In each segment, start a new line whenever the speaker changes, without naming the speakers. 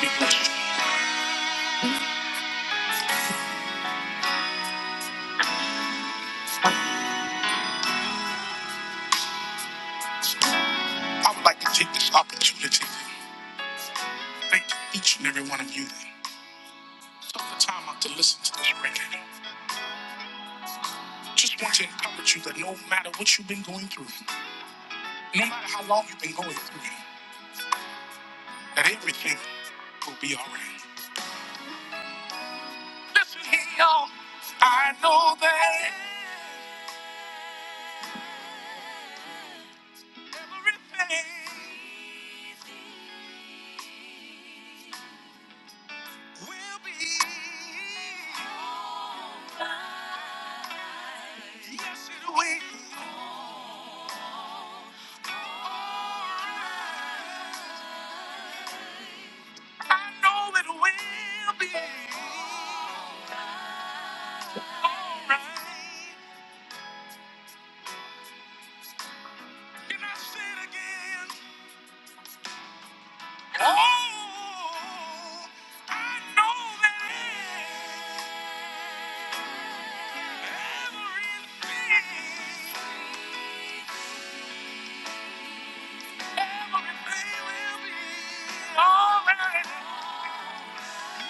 Because I would like to take this opportunity to thank each and every one of you that took the time out to listen to this record. Just want to encourage you that no matter what you've been going through, no matter how long you've been going through, that everything will be all right. Listen here, y'all. I know that everything will be all right. Yes, it will. I know it will be all right. Can I say it again? Oh, I know that everything, everything will be all right. As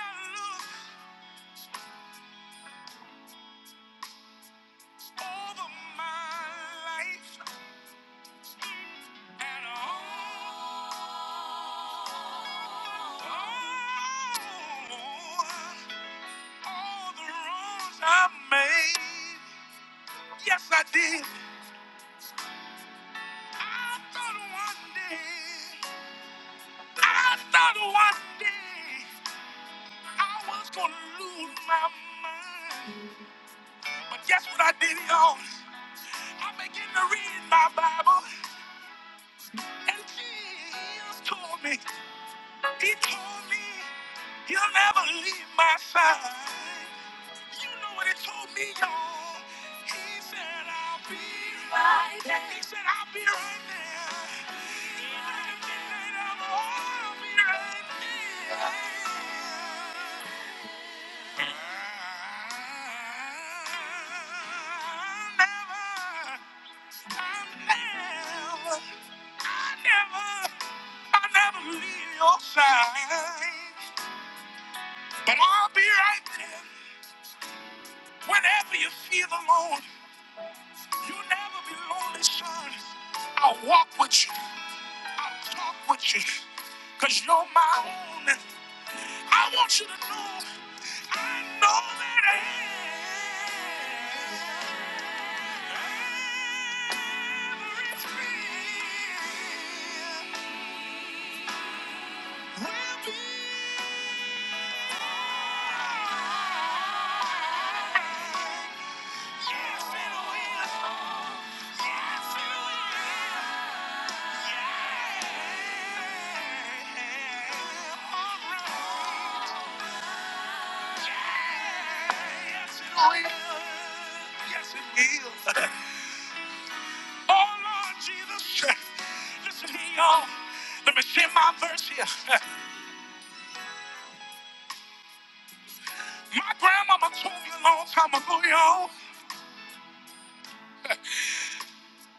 I look over my life, all, the wrongs I made. Yes, I did. I thought one day, I thought one day I was gonna lose my mind. But guess what I did, y'all? I began to read my Bible, and Jesus told me. He told me he'll never leave my side. You know what he told me, y'all. He said I'll be right there. He said I'll be right there. Even at midnight hour, I'll be right there. I'll never I never, I never, I never leave your side. But I'll be right there whenever you feel alone. You'll never be lonely, son. I'll walk with you. I'll talk with you. Cause you're my own. I want you to know. I know that everything Yes, it will. Oh, Lord Jesus. Listen here, y'all. Let me share my verse here. My grandmama told me a long time ago, y'all.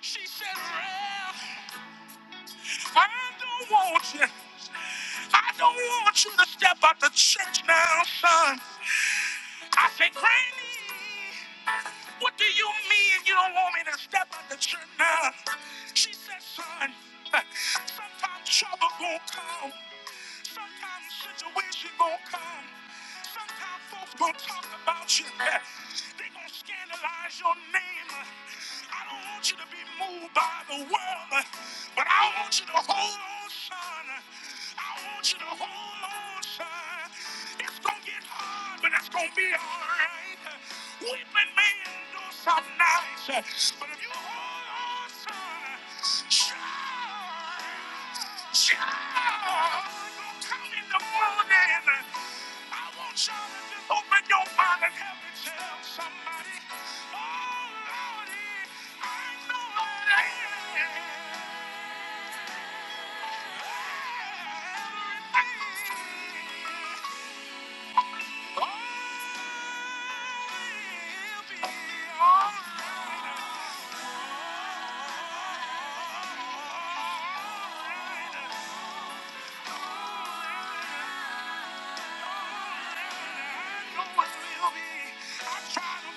She said, I don't want you. I don't want you to step out the church now, son. I say, Granny, what do you mean you don't want me to step out the church now? She said, son, sometimes trouble gonna come. Sometimes situation gonna come. Sometimes folks gon' talk about you. They gon' scandalize your name. I don't want you to be moved by the world, but I want you to hold on, son. I want you to hold on, son. It's gonna get hard, but it's gonna be alright. Weeping may endure some nights, Oh,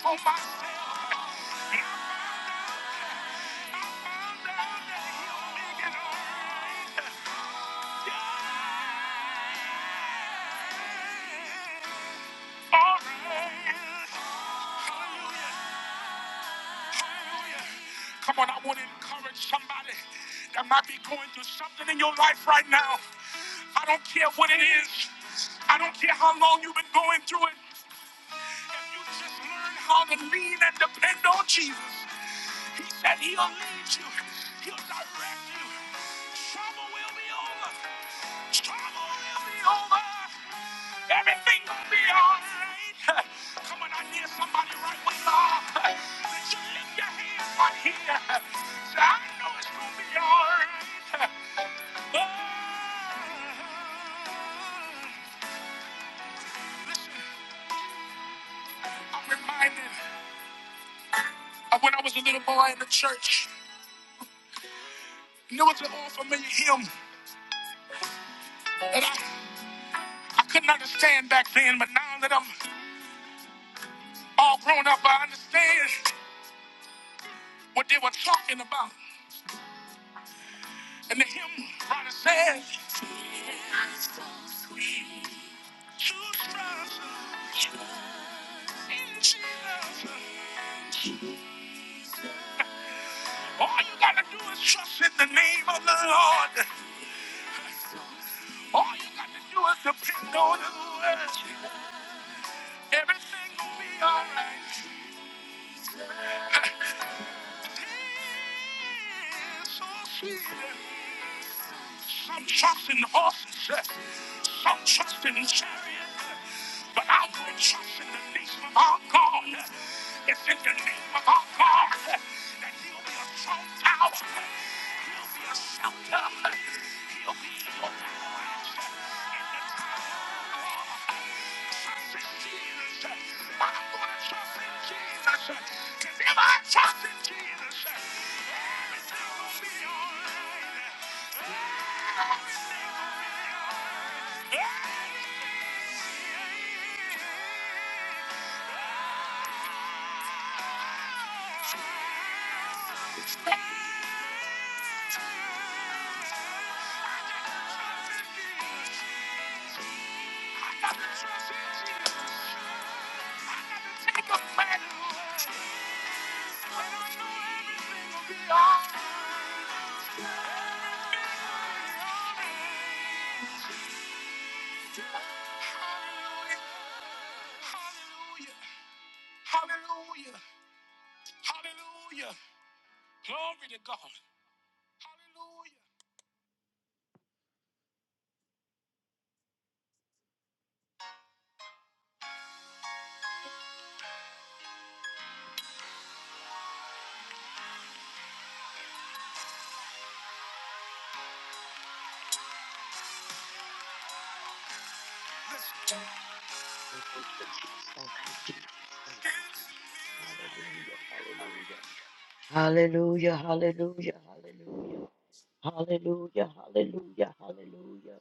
Oh my Come on, I want to encourage somebody that might be going through something in your life right now. I don't care what it is. I don't care how long you've been going through it. If you just learn how to lean and depend on Jesus, He said He'll lead you, He'll direct you. Trouble will be over. Trouble will be over. Everything will be alright. Come on, I hear somebody right where you are. Did you lift your hands right here? Say, I know it's gonna be alright. Oh. Listen, I'm reminded. Uh, When I was a little boy in the church, and there was an old familiar hymn that I, I couldn't understand back then, but now that I'm all grown up, I understand what they were talking about. And the hymn writer said, "It's so sweet to trust in Jesus." All you gotta do is trust in the name of the Lord. All you gotta do is depend on the word. Everything will be alright. Some trust in horses, uh, some trust in chariots, uh, but I will trust in the name of our God. Uh, It's in the name of our God uh, that He'll be a strong tower, uh, He'll be a shelter, uh, He'll be your refuge, in the time of war. trust in Jesus, I'm going to trust in Jesus. yes. 'Cause if I trust in the Hallelujah. Hallelujah. Glory to God. Hallelujah.
Thank you, Jesus. Thank you, Jesus. Thank
Hallelujah.
you, Jesus. Hallelujah. Hallelujah. Hallelujah. Hallelujah. Hallelujah. Hallelujah. Hallelujah. Hallelujah.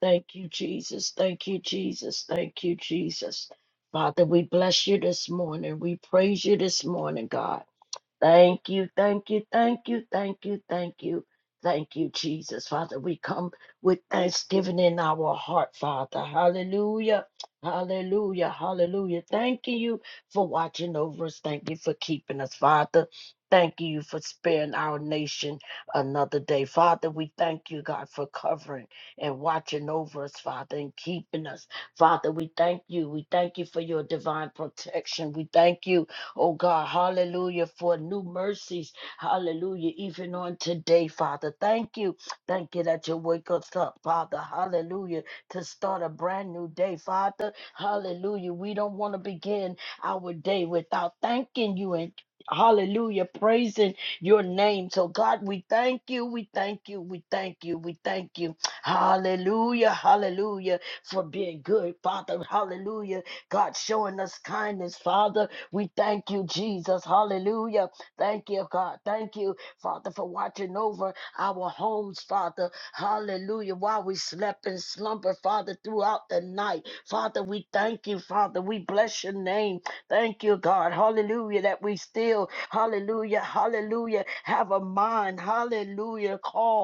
Thank you, Jesus. Thank you, Jesus. Thank you, Jesus. Father, we bless you this morning. We praise you this morning, God. Thank you, thank you, thank you, thank you, thank you, thank you, Jesus. Father, we come with thanksgiving in our heart, Father. Hallelujah, hallelujah, hallelujah. Thanking you for watching over us. Thank you for keeping us, Father. Thank you for sparing our nation another day. Father, we thank you, God, for covering and watching over us, Father, and keeping us. Father, we thank you. We thank you for your divine protection. We thank you Oh God, hallelujah, for new mercies. Hallelujah, even on today, Father. Thank you. Thank you that you wake us up, Father. Hallelujah, to start a brand new day, Father. Hallelujah. We don't want to begin our day without thanking you and Hallelujah, praising your name. So, God, we thank you, we thank you, we thank you, we thank you. Hallelujah, hallelujah, for being good, Father. Hallelujah, God, showing us kindness, Father. We thank you, Jesus. Hallelujah. Thank you, God. Thank you, Father, for watching over our homes, Father. Hallelujah. While we slept in slumber, Father, throughout the night. Father, we thank you, Father. We bless your name. Thank you, God. Hallelujah. That we still, hallelujah, hallelujah, have a mind. Hallelujah. Call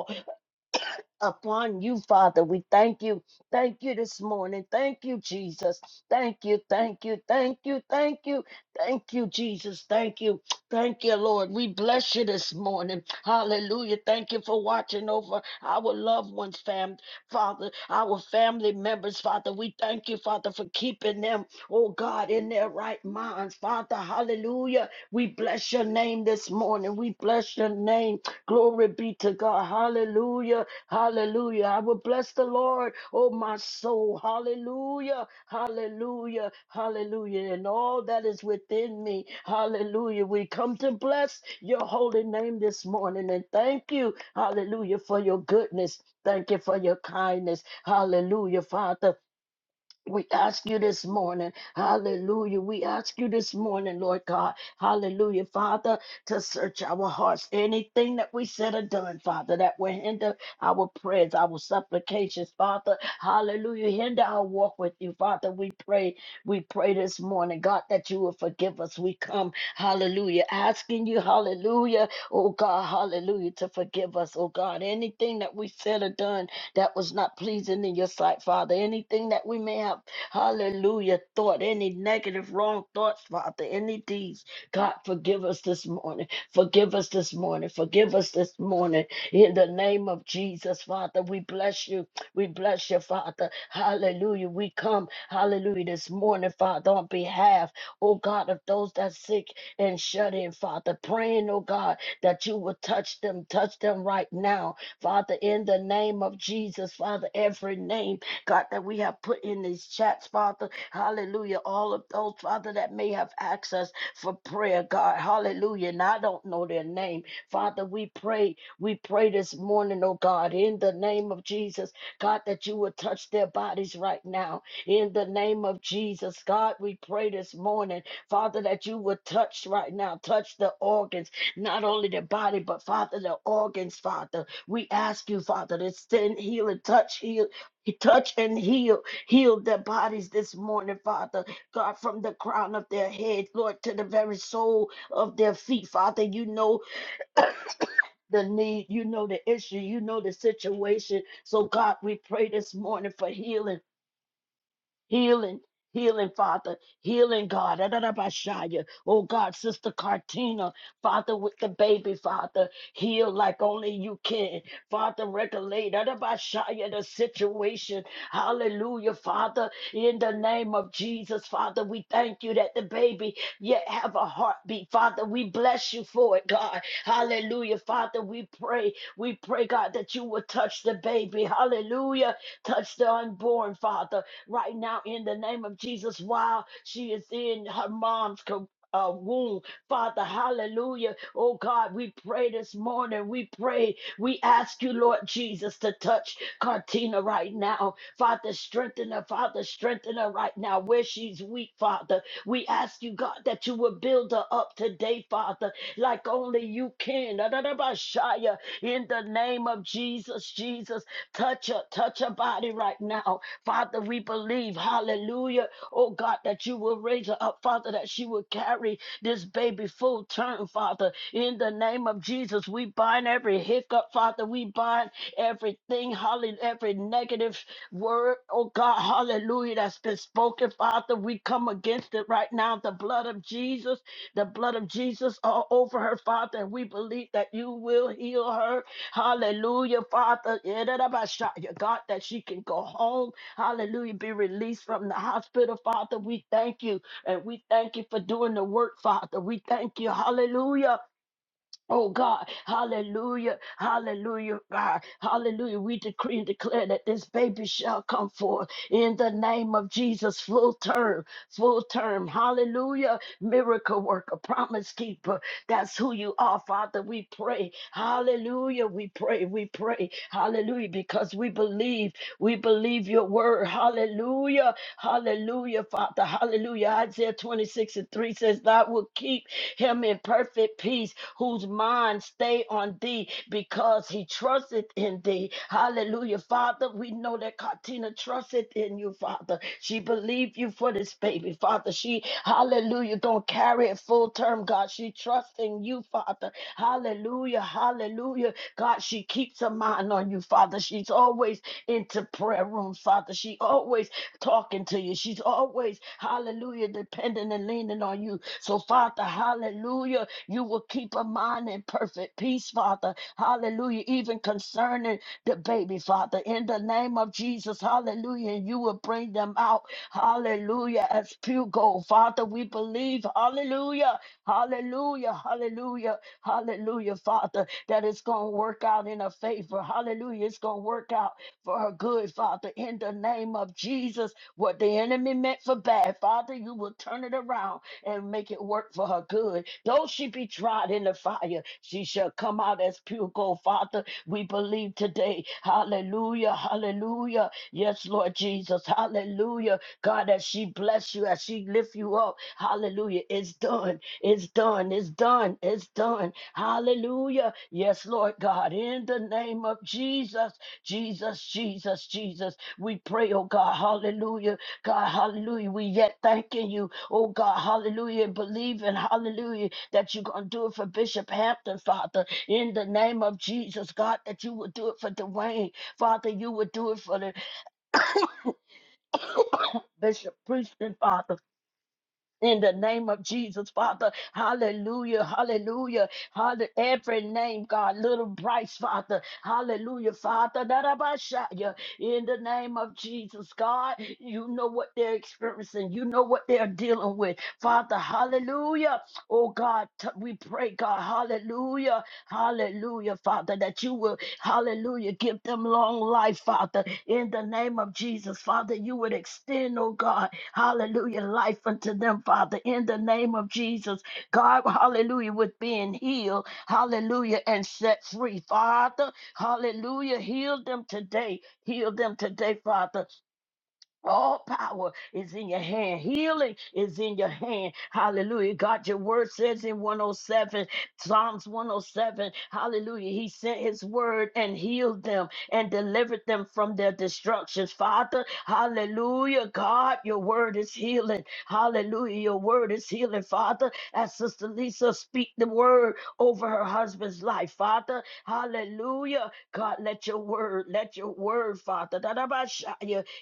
upon you, Father. We thank you. Thank you this morning. Thank you, Jesus. Thank you, thank you, thank you, thank you, thank you, Jesus. Thank you, thank you, Lord. We bless you this morning. Hallelujah. Thank you for watching over our loved ones, fam, Father, our family members, Father. We thank you, Father, for keeping them, oh God, in their right minds, Father. Hallelujah. We bless your name this morning. We bless your name. Glory be to God. Hallelujah. Hallelujah. I will bless the Lord, oh my soul. Hallelujah. Hallelujah. Hallelujah. And all that is within me. Hallelujah. We come to bless your holy name this morning and thank you. Hallelujah for your goodness. Thank you for your kindness. Hallelujah, Father. We ask you this morning, hallelujah. We ask you this morning, Lord God, hallelujah, Father, to search our hearts. Anything that we said or done, Father, that will hinder our prayers, our supplications, Father, hallelujah, hinder our walk with you, Father. We pray, we pray this morning, God, that you will forgive us. We come, hallelujah, asking you, hallelujah, oh God, hallelujah, to forgive us, oh God, anything that we said or done that was not pleasing in your sight, Father. Anything that we may have, hallelujah, thought, any negative, wrong thoughts, Father, any deeds, God, forgive us this morning. Forgive us this morning. Forgive us this morning. In the name of Jesus, Father, we bless you. We bless you, Father. Hallelujah. We come, hallelujah, this morning, Father, on behalf, oh God, of those that sick and shut in, Father, praying, oh God, that you will touch them, touch them right now Father, in the name of Jesus, Father, every name, God, that we have put in these chats, Father, hallelujah, all of those, Father, that may have access for prayer, God, hallelujah, and I don't know their name, Father, we pray, we pray this morning, oh God, in the name of Jesus, God, that you would touch their bodies right now, in the name of Jesus, God, we pray this morning, Father, that you would touch right now, touch the organs, not only the body, but Father, the organs, Father. We ask you, Father, to send heal and touch, heal, touch and heal, heal their bodies this morning, Father. God, from the crown of their head, Lord, to the very sole of their feet, Father. You know the need, you know the issue, you know the situation. So, God, we pray this morning for healing. Healing, healing, Father, healing, God. Adonabashaya. Oh, God, Sister Cartina, Father, with the baby, Father, heal like only you can. Father, regulate Adonabashaya, the situation. Hallelujah, Father, in the name of Jesus, Father, we thank you that the baby yet have a heartbeat. Father, we bless you for it, God. Hallelujah, Father, we pray, we pray, God, that you will touch the baby. Hallelujah, touch the unborn, Father right now in the name of Jesus while she is in her mom's co- uh, womb. Father, hallelujah. Oh God, we pray this morning. We pray. We ask you, Lord Jesus, to touch Cartina right now. Father, strengthen her. Father, strengthen her right now where she's weak, Father. We ask you, God, that you will build her up today, Father, like only you can. Shaya. In the name of Jesus, Jesus, touch her, touch her body right now. Father, we believe, hallelujah, oh God, that you will raise her up, Father, that she will carry this baby full term, Father. In the name of Jesus, we bind every hiccup, Father. We bind everything, hallelujah, every negative word, oh God, hallelujah, that's been spoken, Father. We come against it right now. The blood of Jesus, the blood of Jesus all over her, Father. And we believe that you will heal her. Hallelujah, Father. God, that she can go home hallelujah, be released from the hospital, Father. We thank you, and we thank you for doing the work, Father. We thank you, hallelujah. Oh God, hallelujah, hallelujah, God, hallelujah. We decree and declare that this baby shall come forth in the name of Jesus, full term, full term, hallelujah. Miracle worker, promise keeper, that's who you are, Father. We pray, hallelujah, we pray, we pray, hallelujah, because we believe, we believe your word, hallelujah. Hallelujah, Father. Hallelujah. Isaiah 26 and 3 says, Thou will keep him in perfect peace, whose mind stay on thee, because he trusteth in thee. Hallelujah, Father. We know that Katina trusted in you, Father. She believed you for this baby, Father. She, hallelujah, gonna carry it full term, God. She trusts in you, Father. Hallelujah, hallelujah. God, she keeps her mind on you, Father. She's always into prayer rooms, Father. She always talking to you. She's always, hallelujah, depending and leaning on you. So, Father, hallelujah, you will keep her mind in perfect peace, Father. Hallelujah, even concerning the baby, Father. In the name of Jesus, hallelujah, and you will bring them out, hallelujah, as pure gold. Father, we believe, hallelujah, hallelujah, hallelujah, hallelujah, Father, that it's going to work out in her favor. Hallelujah, it's going to work out for her good, Father, in the name of Jesus. What the enemy meant for bad, Father, you will turn it around and make it work for her good. Though she be tried in the fire, she shall come out as pure gold, Father. We believe today. Hallelujah, hallelujah. Yes, Lord Jesus, hallelujah. God, as she bless you, as she lift you up, hallelujah. It's done, it's done, it's done, it's done. Hallelujah. Yes, Lord God, in the name of Jesus. Jesus, Jesus, Jesus. We pray, oh God, hallelujah. God, hallelujah. We yet thanking you, oh God, hallelujah. and Believing, hallelujah, that you're going to do it for Bishop Hampton, Father, in the name of Jesus, God, that you would do it for Dwayne, Father, you would do it for the Bishop Prieston, Father. In the name of Jesus, Father, hallelujah, hallelujah, hallelujah. Every name, God, little Bryce, Father, hallelujah, Father, that I shout you. In the name of Jesus, God, you know what they're experiencing, you know what they're dealing with, Father, hallelujah. Oh God, t- we pray, God, hallelujah, hallelujah, Father, that you will, hallelujah, give them long life, Father, in the name of Jesus, Father, you would extend, oh God, Hallelujah. Life unto them, Father, in the name of Jesus. God, hallelujah, with being healed, hallelujah, and set free. Father, hallelujah, heal them today. Heal them today, Father. All power is in your hand. Healing is in your hand. Hallelujah. God, your word says in 107, Psalms 107, hallelujah. He sent his word and healed them and delivered them from their destructions. Father, hallelujah. God, your word is healing. Hallelujah. Your word is healing. Father, as Sister Lisa speak the word over her husband's life. Father, hallelujah. God, let your word, let your word, Father.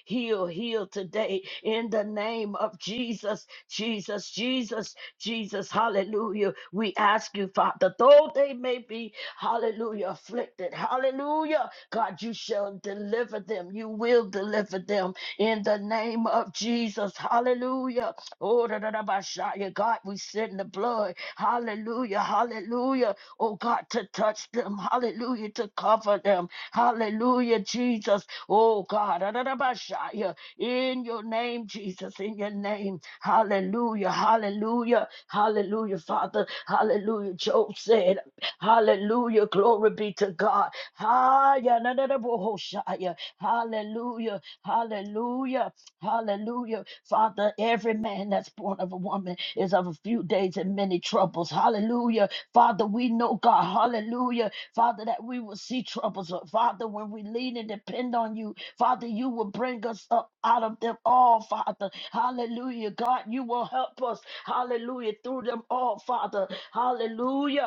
Heal, heal today in the name of Jesus, Jesus, Jesus, Jesus. Hallelujah. We ask you, Father, though they may be, hallelujah, afflicted, hallelujah. God, you shall deliver them. You will deliver them in the name of Jesus. Hallelujah. Oh, da, da, da, ba, sha, yeah. God, we send the blood. Hallelujah. Hallelujah. Oh, God, to touch them. Hallelujah. To cover them. Hallelujah, Jesus. Oh God, Adonabashaya, in your name, Jesus, in your name. Hallelujah, hallelujah, hallelujah, Father, hallelujah. Job said, Hallelujah, glory be to God. Haya, Adonabashaya, Hallelujah, hallelujah, hallelujah. Father, every man that's born of a woman is of a few days and many troubles. Hallelujah. Father, we know, God, hallelujah Father, that we will see troubles. But Father, when we lean and depend on you, Father, you will bring us up out of them all, Father. Hallelujah. God, you will help us. Hallelujah. Through them all, Father. Hallelujah.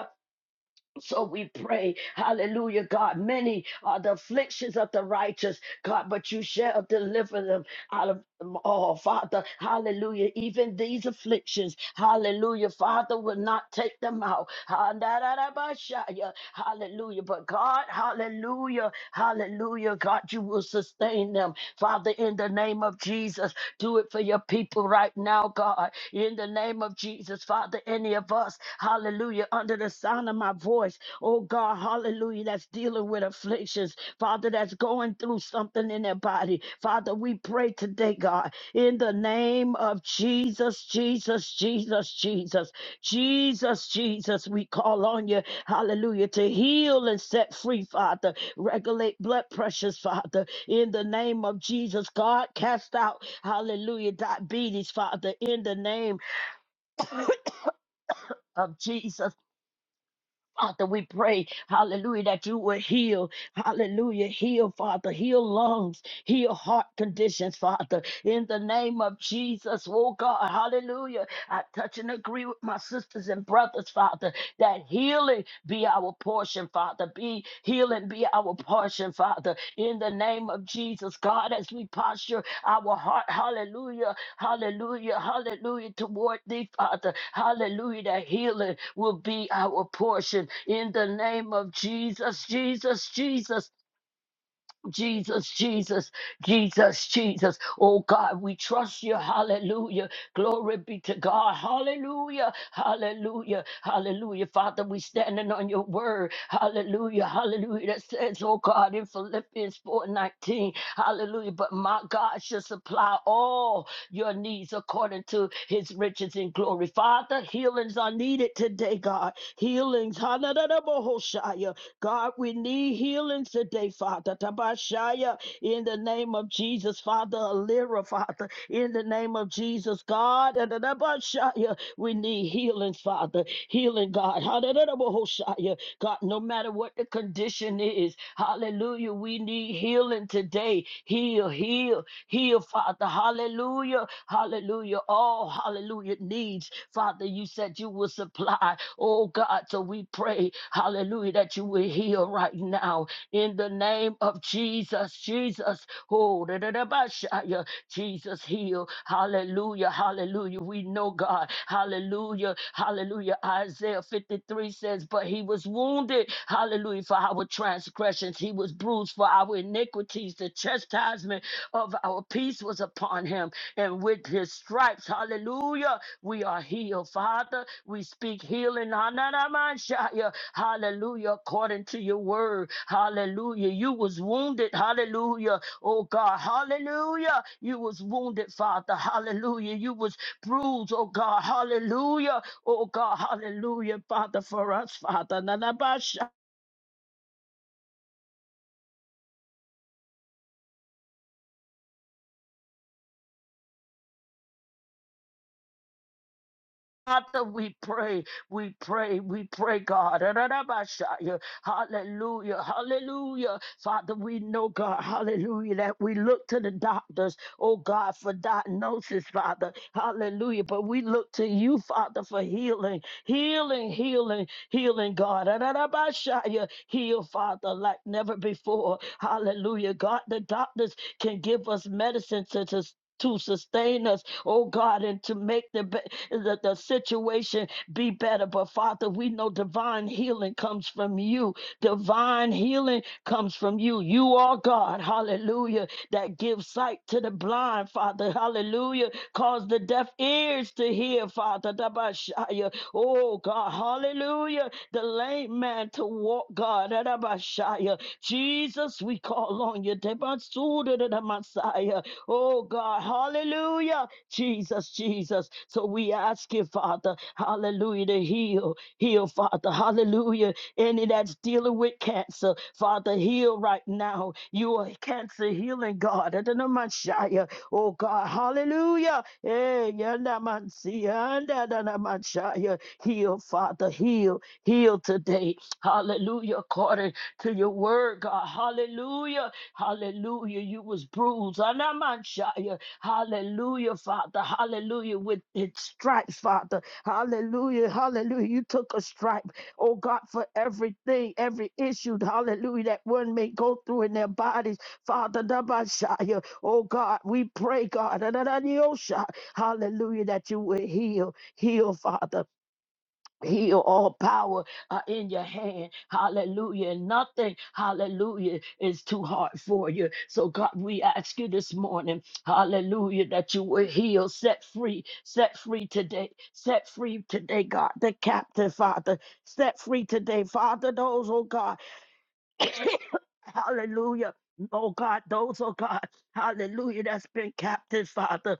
So we pray, hallelujah, God. Many are the afflictions of the righteous, God, but you shall deliver them out of them all, Father, hallelujah. Even these afflictions, hallelujah, Father will not take them out, Ah, da, da, da, ba, sha, ya. hallelujah. But God, hallelujah, hallelujah, God, you will sustain them, Father, in the name of Jesus. Do it for your people right now now, God, in the name of Jesus, Father, any of us, hallelujah, under the sound of my voice, oh God, hallelujah, that's dealing with afflictions, Father, that's going through something in their body. Father, we pray today, God, in the name of Jesus, Jesus, Jesus, Jesus, Jesus, Jesus, we call on you, hallelujah, to heal and set free, Father, regulate blood pressures, Father, in the name of Jesus, God, cast out. Hallelujah. Diabetes, Father, in the name of Jesus. Father, we pray, hallelujah, that you will heal. Hallelujah. Heal, Father. Heal lungs. Heal heart conditions, Father. In the name of Jesus, oh God. Hallelujah. I touch and agree with my sisters and brothers, Father, that healing be our portion, Father. Be healing be our portion, Father. In the name of Jesus, God, as we posture our heart, hallelujah Hallelujah. Hallelujah. Toward thee, Father. Hallelujah. That healing will be our portion in the name of Jesus. Jesus, Jesus, Jesus, Jesus, Jesus, Jesus. Oh God, we trust you. Hallelujah. Glory be to God. Hallelujah. Hallelujah. Hallelujah. Father, we standing on your word. Hallelujah. Hallelujah. That says, oh God, in Philippians 4 19. Hallelujah. But my God shall supply all your needs according to his riches in glory. Father, healings are needed today, God. Healings. Hallelujah. God, we need healing today, Father. Tabashaya, in the name of Jesus, Father. Alira, Father, in the name of Jesus, God. And the Tabashaya, we need healing, Father. Healing, God. Hallelujah. God, no matter what the condition is, hallelujah, we need healing today. Heal, heal, Heal, Father. Hallelujah. Hallelujah. All hallelujah needs. Father, you said you will supply. Oh God, so we pray, hallelujah, that you will heal right now in the name of Jesus. Jesus. Oh, da, da, da, ba, shaya. Jesus heal. Hallelujah. Hallelujah. We know God. Hallelujah. Hallelujah. Isaiah 53 says, But he was wounded. Hallelujah. For our transgressions. He was bruised for our iniquities. The chastisement of our peace was upon him, and with his stripes, hallelujah, we are healed. Father, we speak healing, Hananamanshaya, hallelujah, according to your word, hallelujah. You was wounded, hallelujah, oh God, hallelujah. You was wounded, Father, hallelujah. You was bruised, oh God, hallelujah, oh God, hallelujah, Father, for us, Father, Father, we pray, we pray, we pray, God. Ra-ra-ra-ba-sha-ya. Hallelujah, hallelujah. Father, we know, God, hallelujah, that we look to the doctors, oh God, for diagnosis, Father. Hallelujah. But we look to you, Father, for healing, healing, healing. Healing, God. Ararabashaya. Heal, Father, like never before. Hallelujah. God, the doctors can give us medicine to, to to sustain us, oh God, and to make the, be- the the situation be better. But Father, we know divine healing comes from you. Divine healing comes from you. You are God, hallelujah, that gives sight to the blind, Father, hallelujah. Cause the deaf ears to hear, Father, Dabashaya. oh God, hallelujah. The lame man to walk, God, Dabashaya. Jesus, we call on you, Dabasuda, the Messiah, oh God, hallelujah. Jesus, Jesus. So we ask you, Father, hallelujah, to heal, heal, Father, hallelujah any that's dealing with cancer. Father, heal right now. You are cancer healing God. Adonamashaya. Oh God, hallelujah. Eh, yandamansi, andadadamashaya. Heal, Father, heal, heal today. Hallelujah. According to your word, God. Hallelujah. Hallelujah. You was bruised. Anamanshaya. Hallelujah, Father. Hallelujah. With its stripes, Father. Hallelujah. Hallelujah. You took a stripe oh God, for everything, every issue, hallelujah, that one may go through in their bodies. Father, Dabashaya, oh God, we pray, God, da- oh, hallelujah, that you will heal, heal, Father. Heal all power are in your hand. Hallelujah. Nothing, hallelujah, is too hard for you. So, God, we ask you this morning, hallelujah, that you will heal, set free, set free today, set free today, God, the captive, Father, set free today, Father, those, oh God, hallelujah. Oh God, those, oh God, hallelujah, that's been captive, Father.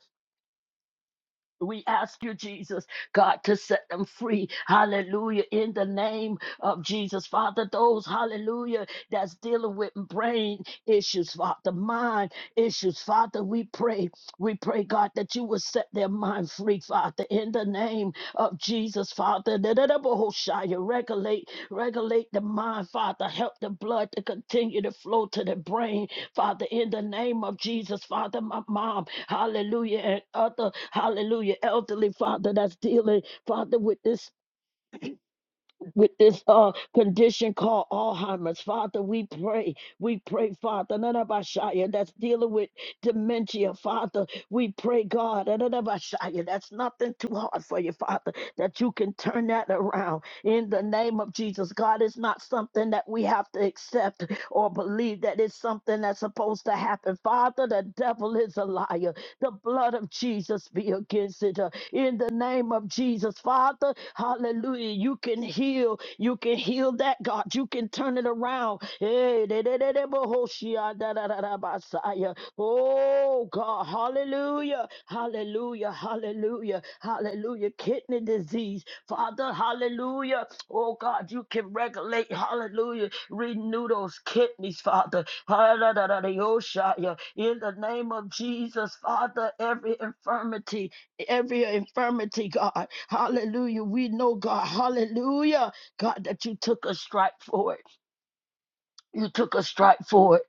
We ask you, Jesus, God, to set them free. Hallelujah. In the name of Jesus, Father, those, hallelujah, that's dealing with brain issues, Father, mind issues, Father, we pray. We pray, God, that you will set their mind free, Father, in the name of Jesus, Father. da da da bo ho Regulate, regulate the mind, Father. Help the blood to continue to flow to the brain Father, in the name of Jesus, Father, my mom, hallelujah, and other, hallelujah, elderly, Father, that's dealing, Father, with this with this uh, condition called Alzheimer's. Father, we pray. We pray, Father, Nanabashaya, that's dealing with dementia, Father. We pray, God, Nanabashaya, that's nothing too hard for you, Father, that you can turn that around in the name of Jesus. God, it's not something that we have to accept or believe that it's something that's supposed to happen. Father, the devil is a liar. The blood of Jesus be against it. uh, In the name of Jesus, Father, hallelujah. You can heal. You can heal that, God. You can turn it around. Hey, de- de- de- de- bo- ho- shi- ah, da- da- da- da- ba- sa- ya. Oh, God. Hallelujah. Hallelujah, hallelujah, hallelujah. Kidney disease, Father, hallelujah. Oh God, you can regulate, hallelujah. Renew those kidneys, Father. Hallelujah. In the name of Jesus, Father, every infirmity, every infirmity, God, hallelujah. We know, God, hallelujah, God, that you took a strike for it. You took a strike for it.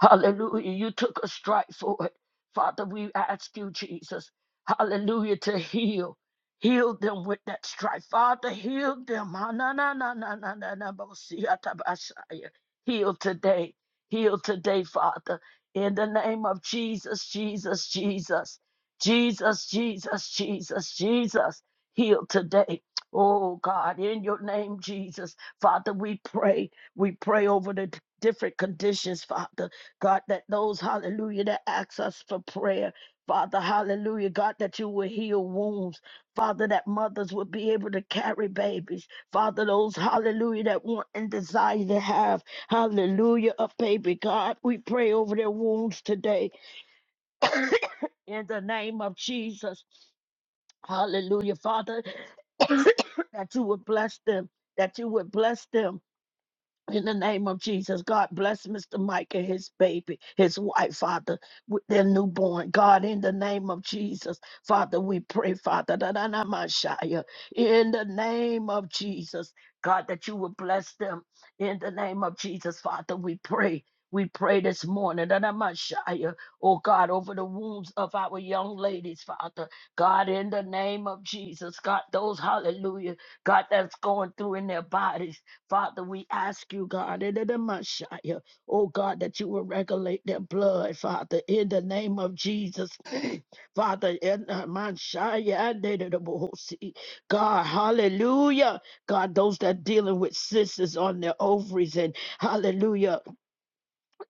Hallelujah. You took a strike for it. Father, we ask you, Jesus, hallelujah, to heal. Heal them with that strife. Father, heal them. Ha, na, na, na, na, na, na, na, bo, si, ya, ta, ba, sha, ya. Heal today. Heal today, Father. In the name of Jesus, Jesus, Jesus. Jesus, Jesus, Jesus, Jesus. Heal today. Oh God, in your name, Jesus. Father, we pray. We pray over the different conditions, Father. God, that those, hallelujah, that ask us for prayer, Father, hallelujah, God, that you will heal wounds, Father, that mothers will be able to carry babies, Father, those, hallelujah, that want and desire to have, hallelujah, a baby, God, we pray over their wounds today in the name of Jesus, hallelujah, Father, that you would bless them, that you would bless them. In the name of Jesus, God bless Mr. Mike and his baby, his wife, Father, with their newborn. God, in the name of Jesus, Father, we pray, Father, da da da, my shy, uh, in the name of Jesus, God, that you would bless them. In the name of Jesus, Father, we pray. We pray this morning da da am not uh, oh God, over the wounds of our young ladies, Father. God, in the name of Jesus, God, those, hallelujah, God, that's going through in their bodies. Father, we ask you, God, in the Messiah, oh God, that you will regulate their blood, Father, in the name of Jesus. Father, in the Messiah, in the Bohosi. God, hallelujah. God, those that dealing with sisters on their ovaries and hallelujah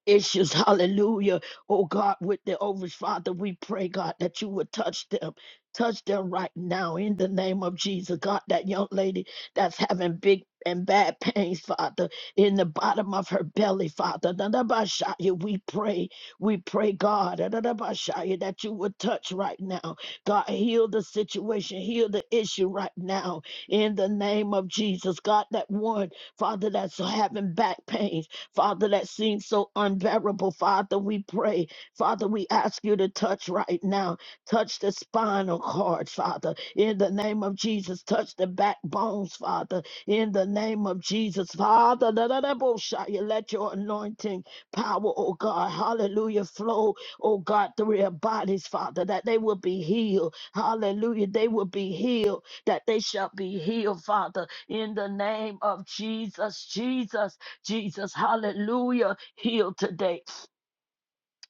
issues. Hallelujah. Oh God, with the others, Father, we pray, God, that you would touch them. Touch them right now in the name of Jesus. God, that young lady that's having big and bad pains, Father, in the bottom of her belly, Father. Dadabashaya, We pray, we pray, God, dadabashaya, that you would touch right now. God, heal the situation, heal the issue right now in the name of Jesus. God, that one, Father, that's having back pains. Father, that seems so unbearable. Father, we pray. Father, we ask you to touch right now. Touch the spinal cord, Father, in the name of Jesus. Touch the backbones, Father, in the name of Jesus. Father, da- da- da- bo- sha- you let your anointing power, oh God, hallelujah, flow, oh God, through their bodies, Father, that they will be healed. Hallelujah, they will be healed, that they shall be healed, Father, in the name of Jesus. Jesus. Jesus, hallelujah, heal today.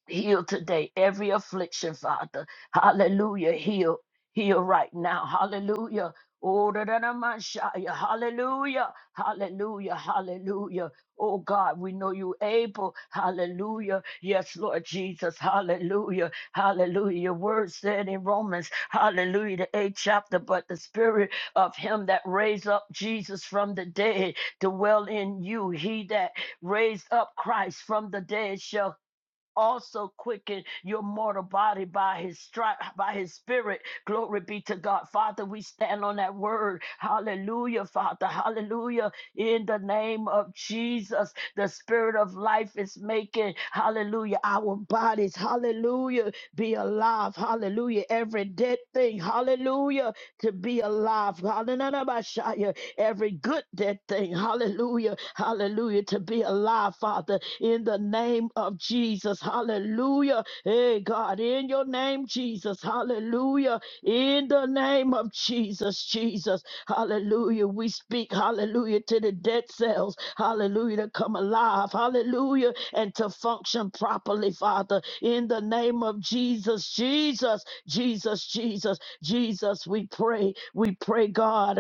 Heal today every affliction, Father. Hallelujah. Heal. Heal right now. Hallelujah. Oh, da, da, da, ma, sha, ya. Hallelujah. Hallelujah. Hallelujah. Oh God, we know you able. Hallelujah. Yes, Lord Jesus. Hallelujah. Hallelujah. Your word said in Romans, hallelujah, the eighth chapter, but the spirit of him that raised up Jesus from the dead dwell in you. He that raised up Christ from the dead shall also quicken your mortal body by his stri- by his spirit glory be to god father we stand on that word hallelujah father hallelujah in the name of jesus the spirit of life is making hallelujah our bodies hallelujah be alive hallelujah every dead thing hallelujah to be alive. Hallelujah. Every good that thing. Hallelujah. Hallelujah. To be alive, Father, in the name of Jesus. Hallelujah. Hey, God, in your name, Jesus. Hallelujah. In the name of Jesus, Jesus, hallelujah. We speak, hallelujah, to the dead cells, hallelujah, to come alive, hallelujah, and to function properly, Father. In the name of Jesus, Jesus, Jesus, Jesus, Jesus, we pray, we pray, God.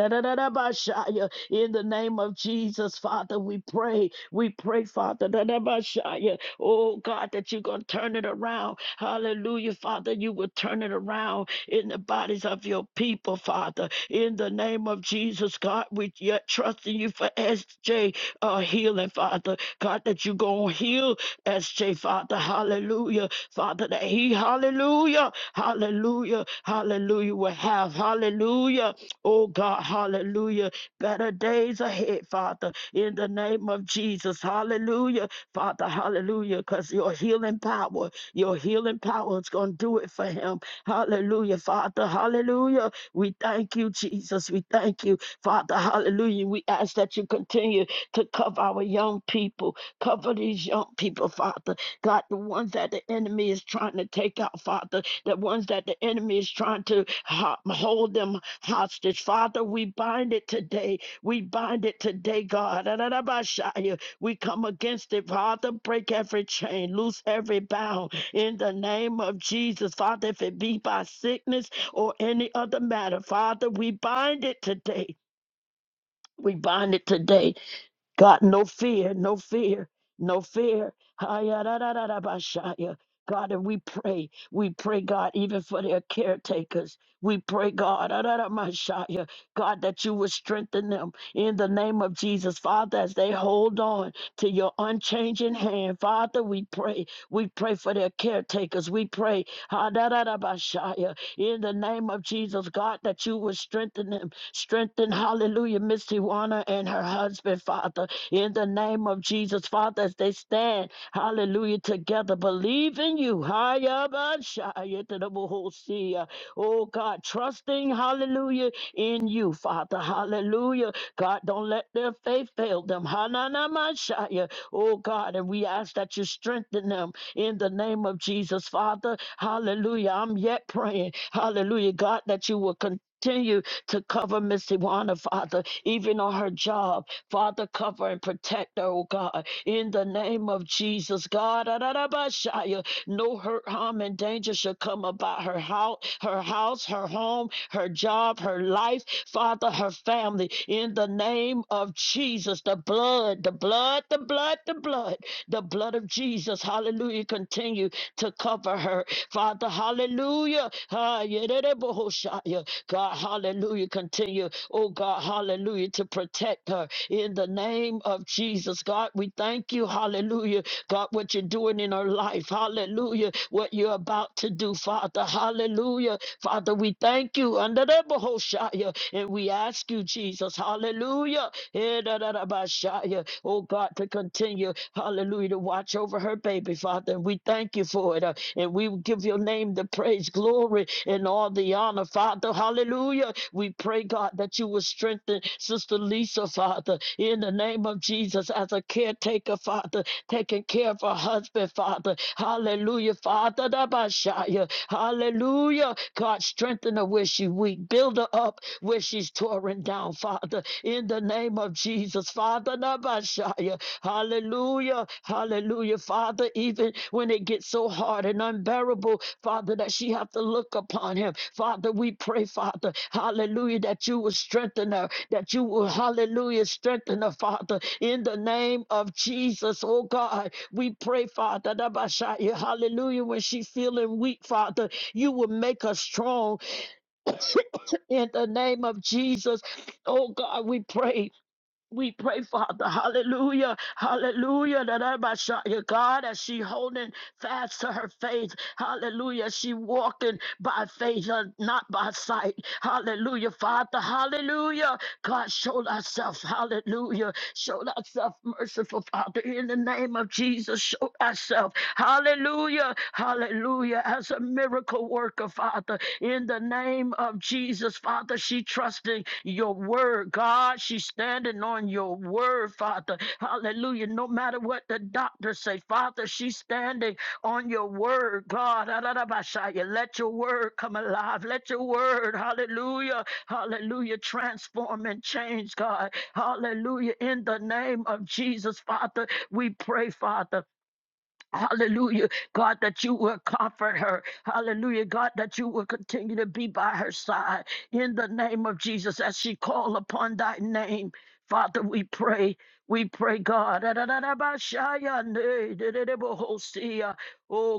In the name of Jesus, Father, we pray, we pray, Father. Da-da-ba-shaya. Oh, God, that you're going to turn it around. Hallelujah, Father, you will turn it around in the bodies of your people, Father. In the name of Jesus, God, we yet trust in you for SJ uh, healing, Father. God, that you going to heal SJ, Father. Hallelujah. Father, that he, hallelujah, hallelujah, hallelujah, will have, hallelujah. Oh, God, hallelujah. Better days ahead, Father, in the name of Jesus. Hallelujah, Father, hallelujah, because your healing power, your healing power is going to do it for him. Hallelujah, Father. Hallelujah. We thank you, Jesus. We thank you, Father. Hallelujah. We ask that you continue to cover our young people. Cover these young people, Father. God, the ones that the enemy is trying to take out, Father. The ones that the enemy is trying to ho- hold them hostage. Father, we bind it today. We bind it today, God. We come against it, Father. Break every chain, loose every bound in the name of Jesus. Father, if it be by sickness or any other matter, Father, we bind it today. We bind it today God, no fear, no fear, no fear. da da da da, Hayarararabashaya. God, and we pray, we pray, God, even for their caretakers. We pray, God, da da da, araramashaya, God, that you would strengthen them in the name of Jesus. Father, as they hold on to your unchanging hand, Father, we pray. We pray for their caretakers. We pray, ah, da da da hadararabashaya, in the name of Jesus, God, that you would strengthen them. Strengthen, hallelujah, Miss Tiwana and her husband, Father in the name of Jesus, Father, as they stand, hallelujah, together, believe in you. Hayabashayetadabohosia. Oh God, trusting, hallelujah, in you, Father, hallelujah. God, don't let their faith fail them. Hananamashaya. Oh God, and we ask that you strengthen them in the name of Jesus, Father, hallelujah. I'm yet praying, hallelujah, God, that you will continue to cover Miss Iwana, Father, even on her job. Father, cover and protect her, oh God, in the name of Jesus, God. Ararabashaya. No hurt, harm, and danger should come about her house, her house, her home, her job, her life, Father, her family. In the name of Jesus, the blood, the blood, the blood, the blood blood, the blood of Jesus, hallelujah, continue to cover her. Father, hallelujah. Ah, God, hallelujah, continue, oh God, hallelujah, to protect her in the name of Jesus. God, we thank you, hallelujah, God, what you're doing in her life, hallelujah, what you're about to do, Father, hallelujah. Father, we thank you, under the Bahoshaya, and we ask you, Jesus, hallelujah. Eh, yeah. Oh God, to continue, hallelujah, to watch over her baby, Father. And we thank you for it. uh, And we will give your name the praise, glory, and all the honor, Father. Hallelujah. We pray, God, that you will strengthen Sister Lisa, Father, in the name of Jesus, as a caretaker, Father, taking care of her husband, Father. Hallelujah, Father. yeah. Hallelujah. God, strengthen her where she weak. Build her up where she's torn down, Father, in the name of Jesus, Father Nabashaya. Hallelujah, hallelujah, Father. Even when it gets so hard and unbearable, Father, that she have to look upon him. Father, we pray, Father, hallelujah, that you will strengthen her, that you will, hallelujah, strengthen her, Father, in the name of Jesus, oh God. We pray, Father, Nabashaya, hallelujah, when she's feeling weak, Father, you will make her strong in the name of Jesus, oh God, we pray. We pray, Father, hallelujah, hallelujah, that I might shout you, God, as she holding fast to her faith, hallelujah, she walking by faith, uh, not by sight, hallelujah, Father, hallelujah, God, show thyself, hallelujah. Show thyself merciful, Father, in the name of Jesus. Show thyself, hallelujah, hallelujah, as a miracle worker, Father, in the name of Jesus, Father. She trusting your word, God. She's standing on your word, Father, hallelujah. No matter what the doctors say, Father, she's standing on your word, God. Let your word come alive. Let your word, hallelujah. Hallelujah. Transform and change, God. Hallelujah. In the name of Jesus, Father, we pray, Father. Hallelujah. God, that you will comfort her. Hallelujah. God, that you will continue to be by her side in the name of Jesus as she call upon thy name. Father, we pray. We pray, God. Oh,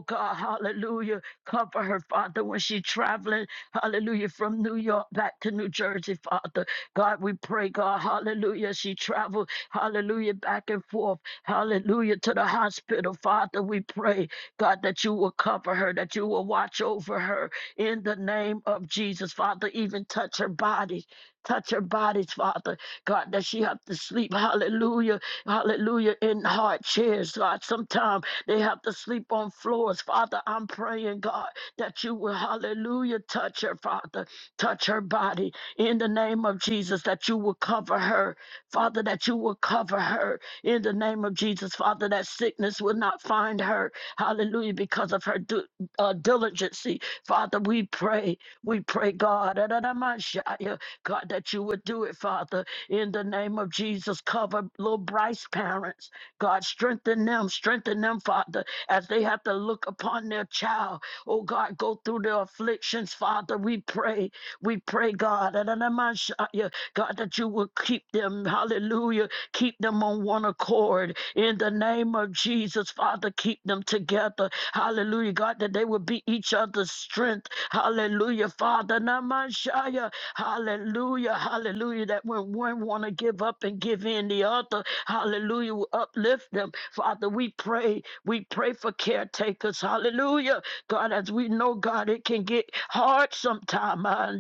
God, hallelujah. Cover her, Father, when she's traveling. Hallelujah. From New York back to New Jersey, Father. God, we pray, God, hallelujah. She traveled, hallelujah, back and forth. Hallelujah. To the hospital, Father, we pray, God, that you will cover her, that you will watch over her in the name of Jesus. Father, even touch her body. Touch her bodies, Father. God, that she have to sleep. Hallelujah. Hallelujah. In hard chairs, God. Sometimes they have to sleep on floors. Father, I'm praying, God, that you will, hallelujah, touch her, Father. Touch her body in the name of Jesus, that you will cover her. Father, that you will cover her in the name of Jesus, Father, that sickness will not find her. Hallelujah, because of her du- uh, diligency. Father, we pray, we pray, God, Adonamashaya, God, that you would do it, Father, in the name of Jesus. Cover little Bryce parents, God, strengthen them, strengthen them, Father, as they have to look upon their child. Oh, God, go through their afflictions, Father. We pray, we pray, God, Adonamashaya, God, that you will keep them. Hallelujah Keep them on one accord in the name of Jesus, Father. Keep them together. Hallelujah, God, that they would be each other's strength. Hallelujah, Father. Namashaya. Hallelujah, hallelujah. That when one want to give up and give in, the other, hallelujah, will uplift them. Father, we pray. We pray for caretakers. Hallelujah. God, as we know, God, it can get hard sometimes.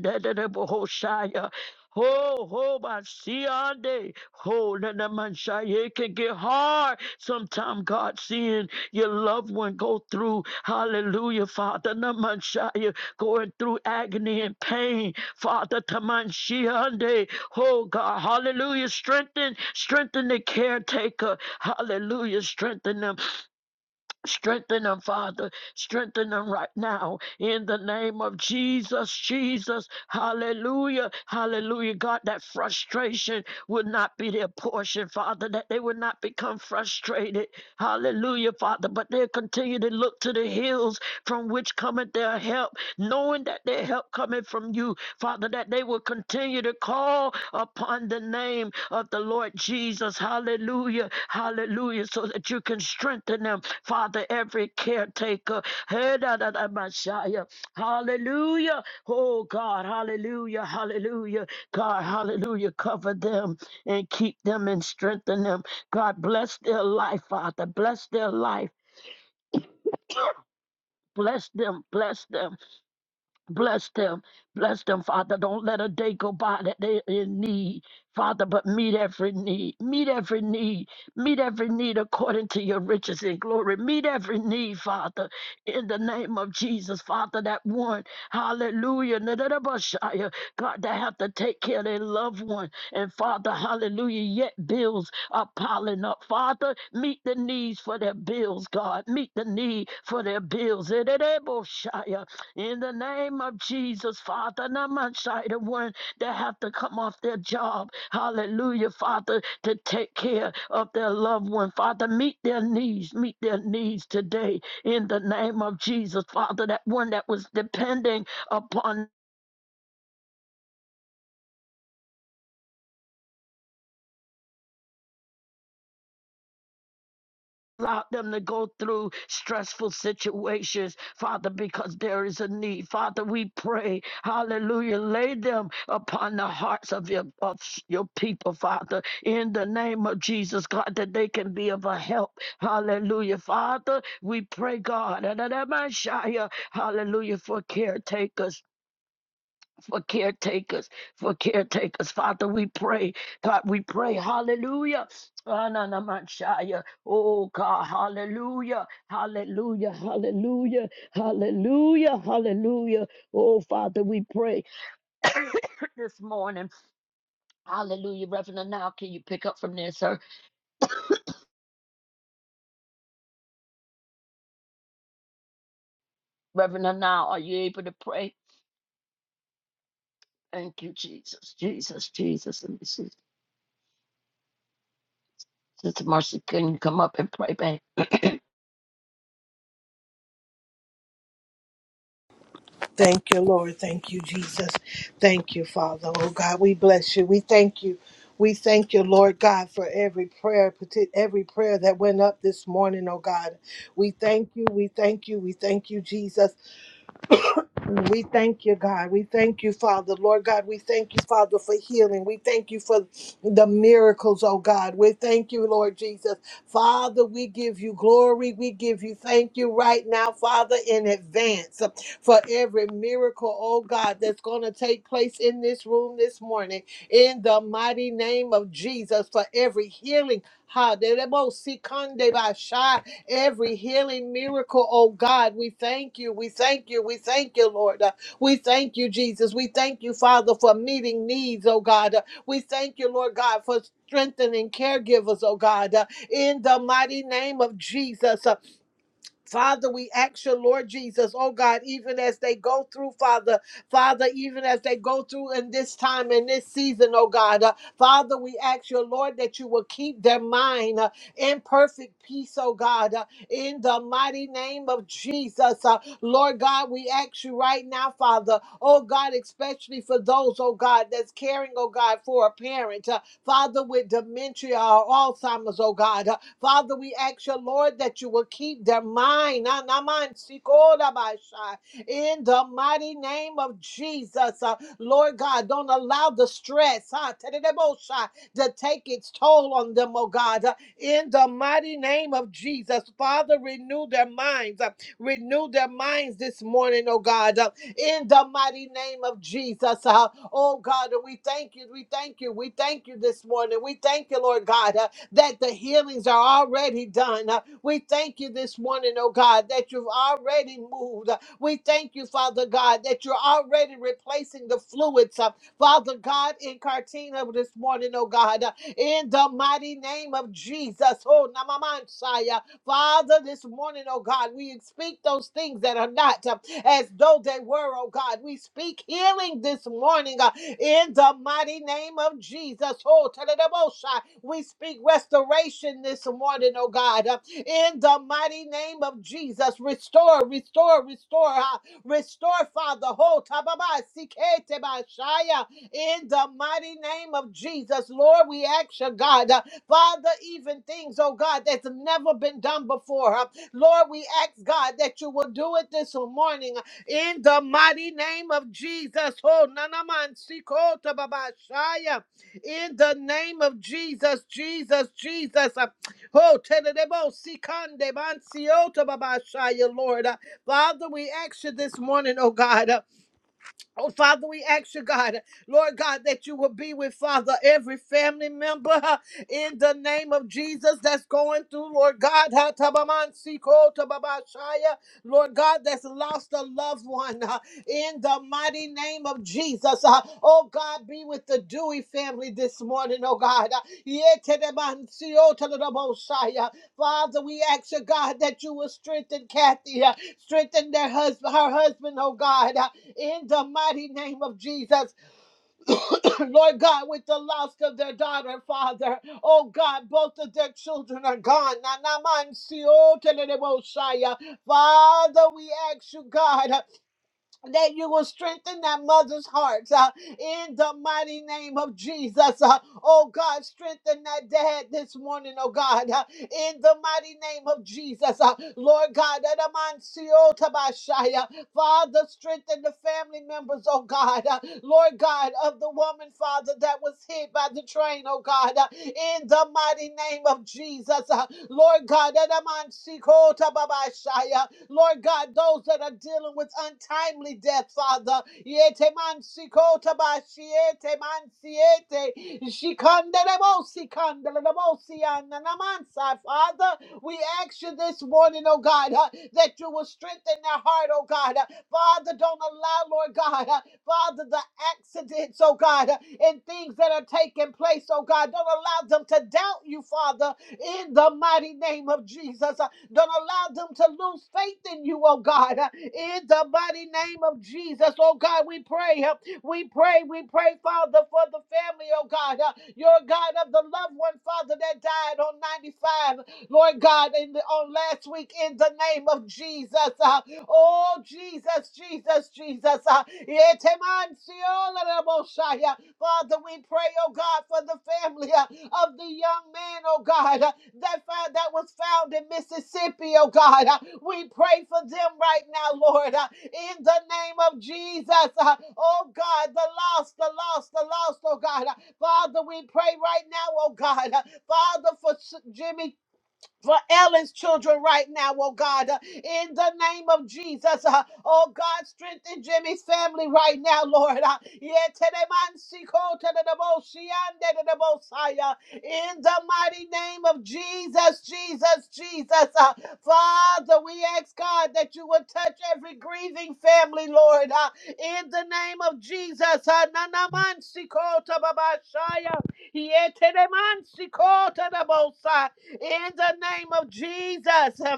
Ho, ho, by Siande. Ho, that that man shy. It can get hard. Sometimes, God, seeing your loved one go through, hallelujah, Father, that man shy, going through agony and pain. Father, Taman Shiande. Oh, God, hallelujah. Strengthen, strengthen the caretaker. Hallelujah. Strengthen them. Strengthen them, Father. Strengthen them right now in the name of Jesus. Jesus. Hallelujah. Hallelujah. God, that frustration would not be their portion, Father, that they would not become frustrated. Hallelujah, Father. But they'll continue to look to the hills from which cometh their help, knowing that their help cometh from you. Father, that they will continue to call upon the name of the Lord Jesus. Hallelujah. Hallelujah. So that you can strengthen them, Father, every caretaker. Hey, da, da, da, Messiah. Hallelujah. Oh, God. Hallelujah. Hallelujah. God, hallelujah. Cover them and keep them and strengthen them. God, bless their life, Father. Bless their life. Bless them. Bless them. Bless them. Bless them, Father. Don't let a day go by that they're in need, Father, but meet every need. Meet every need. Meet every need according to your riches and glory. Meet every need, Father, in the name of Jesus, Father, that one, hallelujah, na- na- na- bashaya, God, that have to take care of their loved one. And Father, hallelujah, yet bills are piling up. Father, meet the needs for their bills, God. Meet the need for their bills. Eh, na- na- bashaya. In the name of Jesus, Father, not my side of one that have to come off their job. Hallelujah, Father, to take care of their loved one. Father, meet their needs, meet their needs today. In the name of Jesus, Father, that one that was depending upon Allow them to go through stressful situations, Father, because there is a need. Father, we pray, hallelujah, lay them upon the hearts of your, of your people, Father, in the name of Jesus, God, that they can be of a help. Hallelujah, Father, we pray, God, hallelujah, for caretakers for caretakers, for caretakers. Father, we pray. God, we pray. Hallelujah. Ananamanshaya. Oh, God. Hallelujah. Hallelujah. Hallelujah. Hallelujah. Hallelujah. Oh, Father, we pray this morning. Hallelujah. Reverend now, can you pick up from there, sir? Reverend now, are you able to pray? Thank you, Jesus. Jesus, Jesus. Let me see. Sister Mercy, can you come up and pray, babe?
Thank you, Lord. Thank you, Jesus. Thank you, Father. Oh God, we bless you. We thank you. We thank you, Lord God, for every prayer, parti- every prayer that went up this morning, oh God. We thank you. We thank you. We thank you, Jesus. We thank you, God. We thank you, Father. Lord God, we thank you, Father, for healing. We thank you for the miracles, oh God. We thank you, Lord Jesus. Father, we give you glory. We give you thank you right now, Father, in advance for every miracle, oh God, that's going to take place in this room this morning. In the mighty name of Jesus, for every healing. Ha, de- de- bo- si- kan- de- ba- shi every healing miracle, oh God. We thank you. We thank you. We thank you, Lord. Uh, We thank you, Jesus. We thank you, Father, for meeting needs, oh God. Uh, We thank you, Lord God, for strengthening caregivers, oh God, Uh, in the mighty name of Jesus. Uh, Father, we ask you, Lord Jesus, oh God, even as they go through, Father, Father, even as they go through in this time, in this season, oh God, uh, Father, we ask you, Lord, that you will keep their mind uh, in perfect peace, oh God, uh, in the mighty name of Jesus. Uh, Lord God, we ask you right now, Father, oh God, especially for those, oh God, that's caring, oh God, for a parent, uh, Father, with dementia or Alzheimer's, oh God. uh, Father, we ask you, Lord, that you will keep their mind. ah, na si In the mighty name of Jesus, uh, Lord God, don't allow the stress ah, to take its toll on them, oh God. Uh, In the mighty name of Jesus, Father, renew their minds. uh, Renew their minds this morning, oh God. Uh, in the mighty name of Jesus. Uh, oh God, we thank you. We thank you. We thank you this morning. We thank you, Lord God. uh, that the healings are already done. Uh, We thank you this morning, oh God, that you've already moved. Uh, We thank you, Father God, that you're already replacing the fluids, uh, Father God, in Cartina this morning, oh God, uh, in the mighty name of Jesus. Oh, Namamansaya. Father, this morning, oh God, we speak those things that are not uh, as though they were, oh God. We speak healing this morning uh, in the mighty name of Jesus. Oh, Tadadabosha. we speak restoration this morning, oh God, uh, in the mighty name of Jesus. Restore, restore, restore, uh, restore, Father. Oh, Tababa, Sikete Bashaya, in the mighty name of Jesus. Lord, we ask you, God. uh, Father, even things, oh God, that's never been done before. huh? Lord, we ask God that you will do it this morning uh, in the mighty name of Jesus. Oh, nanaman sikota babashaya. In the name of Jesus, Jesus, Jesus. uh, Oh, tedebo sikande bansiota babashaya, Lord. Uh, Father, we ask you this morning, oh God. uh, Oh, Father, we ask you, God, Lord God, that you will be with Father every family member huh, in the name of Jesus that's going through, Lord God, huh, Tabaman Siko, Tababashaya, Lord God, that's lost a loved one huh, in the mighty name of Jesus. huh. Oh, God, be with the Dewey family this morning, oh God. huh. Yetedeman Sio, Tadadaboshaya. Father, we ask you, God, that you will strengthen Kathy, huh, strengthen their husband, her husband, oh God. huh in the mighty name of Jesus. Lord God, with the loss of their daughter, Father. Oh God, both of their children are gone. Nanamansi, oh, teleleboshaya. Father, we ask you, God that you will strengthen that mother's hearts uh, in the mighty name of Jesus. Uh, oh God, strengthen that dad this morning, oh God, uh, in the mighty name of Jesus. Uh, Lord God, Adamansiotabashaya. Father, strengthen the family members, oh God. Uh, Lord God, of the woman, Father, that was hit by the train, oh God, uh, in the mighty name of Jesus. Uh, Lord God, Adamansiotabashaya. Lord God, those that are dealing with untimely death, Father. Yete man sikota ba siete man siete. Shikandelebo sikandelebo siananamansa, Father, we ask you this morning, oh God, uh, that you will strengthen their heart, oh God. Uh, Father, don't allow, Lord God, uh, Father, the accidents, oh God, uh, and things that are taking place, oh God. Don't allow them to doubt you, Father, in the mighty name of Jesus. Don't allow them to lose faith in you, oh God. Uh, In the mighty name of Jesus, oh God, we pray. uh, We pray, we pray, Father, for the family, oh God. Uh, Your God of the loved one, Father, that died on 95, Lord God, in the, on last week, in the name of Jesus. Uh, Oh, Jesus, Jesus, Jesus. Uh, Yeteman siola rabo Father, we pray, oh God, for the family. Uh, of the young man, oh God, uh, that, that was found in Mississippi, oh God. Uh, We pray for them right now, Lord, uh, in the name of Jesus. Uh, Oh God, the lost, the lost, the lost, oh God. Uh, Father, we pray right now, oh God, uh, Father, for Jimmy for Ellen's children right now, oh God, uh, in the name of Jesus. uh, oh God, strengthen Jimmy's family right now, Lord. Uh, yeteremansikotedeboshiandedebosaya, in the mighty name of Jesus, Jesus, Jesus. uh, Father, we ask God that you would touch every grieving family, Lord, uh, in the name of Jesus. uh, nanamansikotobabashaya, yeteremansikotabosaya in the name of Jesus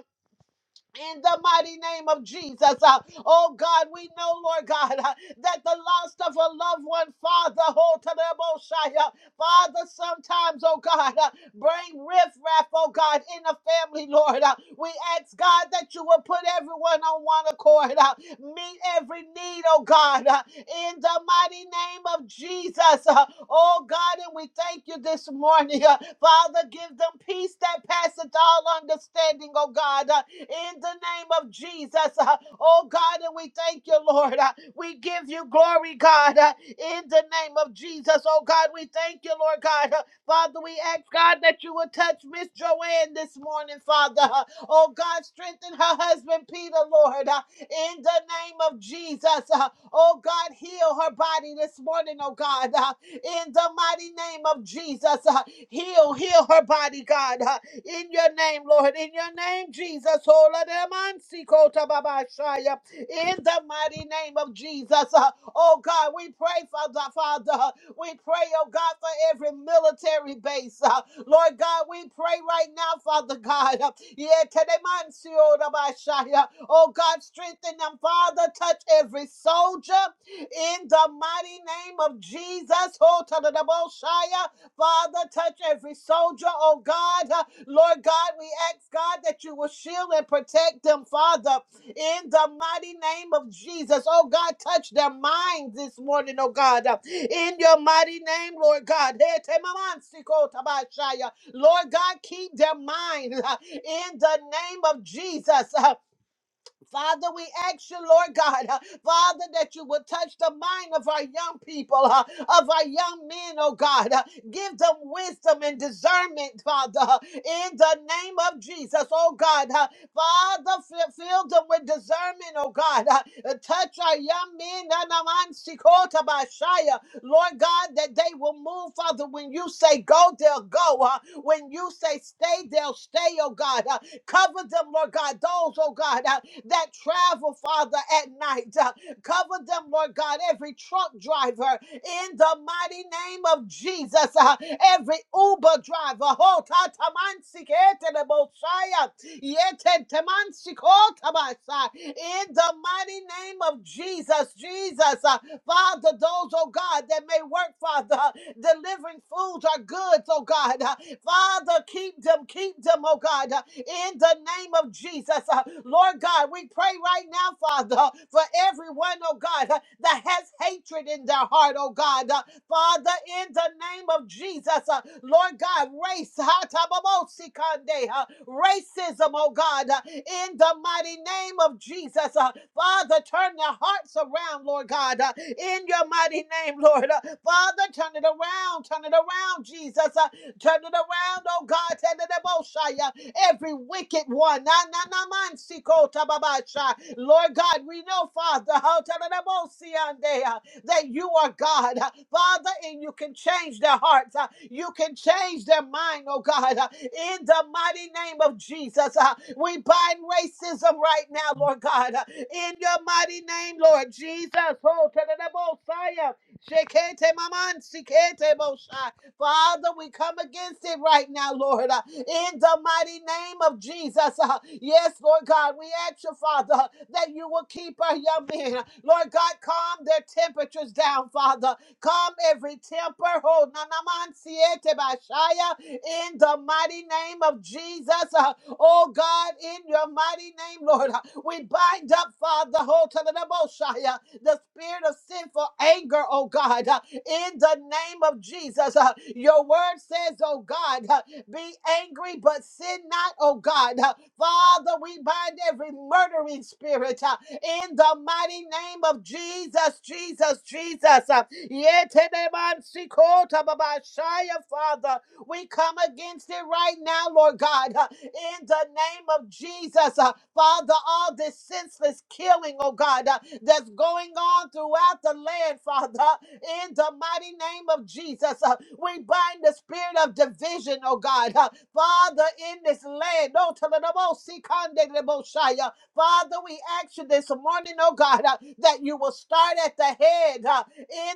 in the mighty name of Jesus. Uh, oh God, we know, Lord God, uh, that the loss of a loved one, Father, hold to them, oh Shai, uh, Father, sometimes, oh God, uh, bring riffraff, oh God, in the family, Lord. Uh, we ask, God, that you will put everyone on one accord, uh, meet every need, oh God, uh, in the mighty name of Jesus. Uh, oh God, and we thank you this morning, uh, Father, give them peace that passeth all understanding, oh God. Uh, in the name of Jesus. Uh, Oh God, and we thank you, Lord. Uh, We give you glory, God, uh, in the name of Jesus. Oh God, we thank you, Lord God. Uh, Father, we ask God that you would touch Miss Joanne this morning, Father. Uh, Oh God, strengthen her husband, Peter, Lord, uh, in the name of Jesus. Uh, Oh God, heal her body this morning, oh God, uh, in the mighty name of Jesus. Uh, Heal, heal her body, God. uh, in your name, Lord. In your name, Jesus. Ola de man si kota baba In the mighty name of Jesus. Uh, Oh God, we pray, Father, Father. We pray, oh God, for every military base. Uh, Lord God, we pray right now, Father God. Uh, Yeah, kedeman si ora ba Oh God, strengthen them, Father. Touch every soldier in the mighty name of Jesus. Oh, ta-da-da-bo-shia. Father, touch every soldier, oh God. Uh, Lord God, we ask God that you will shield and protect them, Father, in the mighty name of Jesus. Oh God, touch their minds this morning, oh God. Uh, In your mighty name, Lord God. Hey, temamansiko tabashaya. Lord God, keep their minds uh, in the name of Jesus. Uh, Father, we ask you, Lord God, uh, Father, that you would touch the mind of our young people, uh, of our young men, oh God. Uh, give them wisdom and discernment, Father, uh, in the name of Jesus, oh God. Uh, Father, fill, fill them with discernment, oh God. Uh, uh, touch our young men, na Nanaman Sikota Bashaya, Lord God, that they will move, Father. When you say go, they'll go. Uh, when you say stay, they'll stay, oh God. Uh, cover them, Lord God. Those, oh God, uh, that travel, Father, at night. Uh, Cover them, Lord God, every truck driver in the mighty name of Jesus, uh, every Uber driver. Ho ta ta man si de bo shai, uh, ye te si In the mighty name of Jesus, Jesus, uh, Father, those, oh God, that may work, Father, delivering foods or goods, oh God. Father, keep them, keep them, oh God, in the name of Jesus. Uh, Lord God, we pray right now, Father, for everyone, oh God, that has hatred in their heart, oh God. Father, in the name of Jesus, uh, Lord God, race, ha, ta, ba, bo, si, kan, de, uh, racism, oh God, uh, in the mighty name of Jesus, uh, Father, turn their hearts around, Lord God, uh, in your mighty name, Lord. Uh, Father, turn it around, turn it around, Jesus, uh, turn it around, oh God, turn it about, Shia. every wicked one. Na, na, na, man, si, ko, ta, ba, ba, sha. Lord God, we know, Father, how turn it about, si, an, de, uh, that you are God, uh, Father, and you can change their hearts. uh, You can change their mind, oh God, uh, in the mighty name of Jesus. uh, We bind racism right now, Lord God, uh, in your mighty name, Lord Jesus. Oh, tadadabosaya, shekete maman, sikete bosha. Father, we come against it right now, Lord. uh, in the mighty name of Jesus. Uh, Yes, Lord God, we ask you, Father, that you will keep our young men. Lord God, calm their temperatures down, Father. Calm every temper. Oh, nanaman siete bashaya, in the mighty name of Jesus. Uh, Oh God, in your mighty name, Lord, uh, we bind up, Father, oh, talalabashaya, the spirit of sinful anger, oh God, uh, in the name of Jesus. Uh, Your word says, oh God, uh, be angry, but sin not, oh God. Uh, Father, we bind every murdering spirit uh, in the mighty name of Jesus, Jesus, Jesus. Uh, Yetenemansikota babashaya, Father, we come against it right now, Lord God, uh, in the name of Jesus. Uh, Father, all this senseless killing, oh God, uh, that's going on throughout the land, Father in the mighty name of Jesus. Uh, We bind the spirit of division, oh God. Uh, Father, in this land, oh, Tadadabosikandedeboshaya. Father, we ask you this morning, oh God, uh, that you will start at the head uh,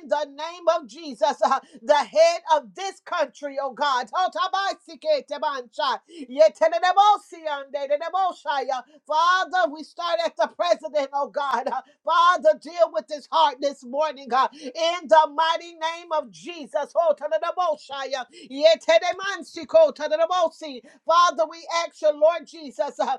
in the name of Jesus, uh, the head of this country, oh God. Oh, Tabaisiketebansha. Yetenedebosiandedeboshaya. Father, we start at the president, oh God. Uh, Father, deal with his heart this morning, God. In the mighty name of Jesus. Oh, tadadaboshaya. Yetedemansi ko tadadabosi. Father, we ask you, Lord Jesus. uh,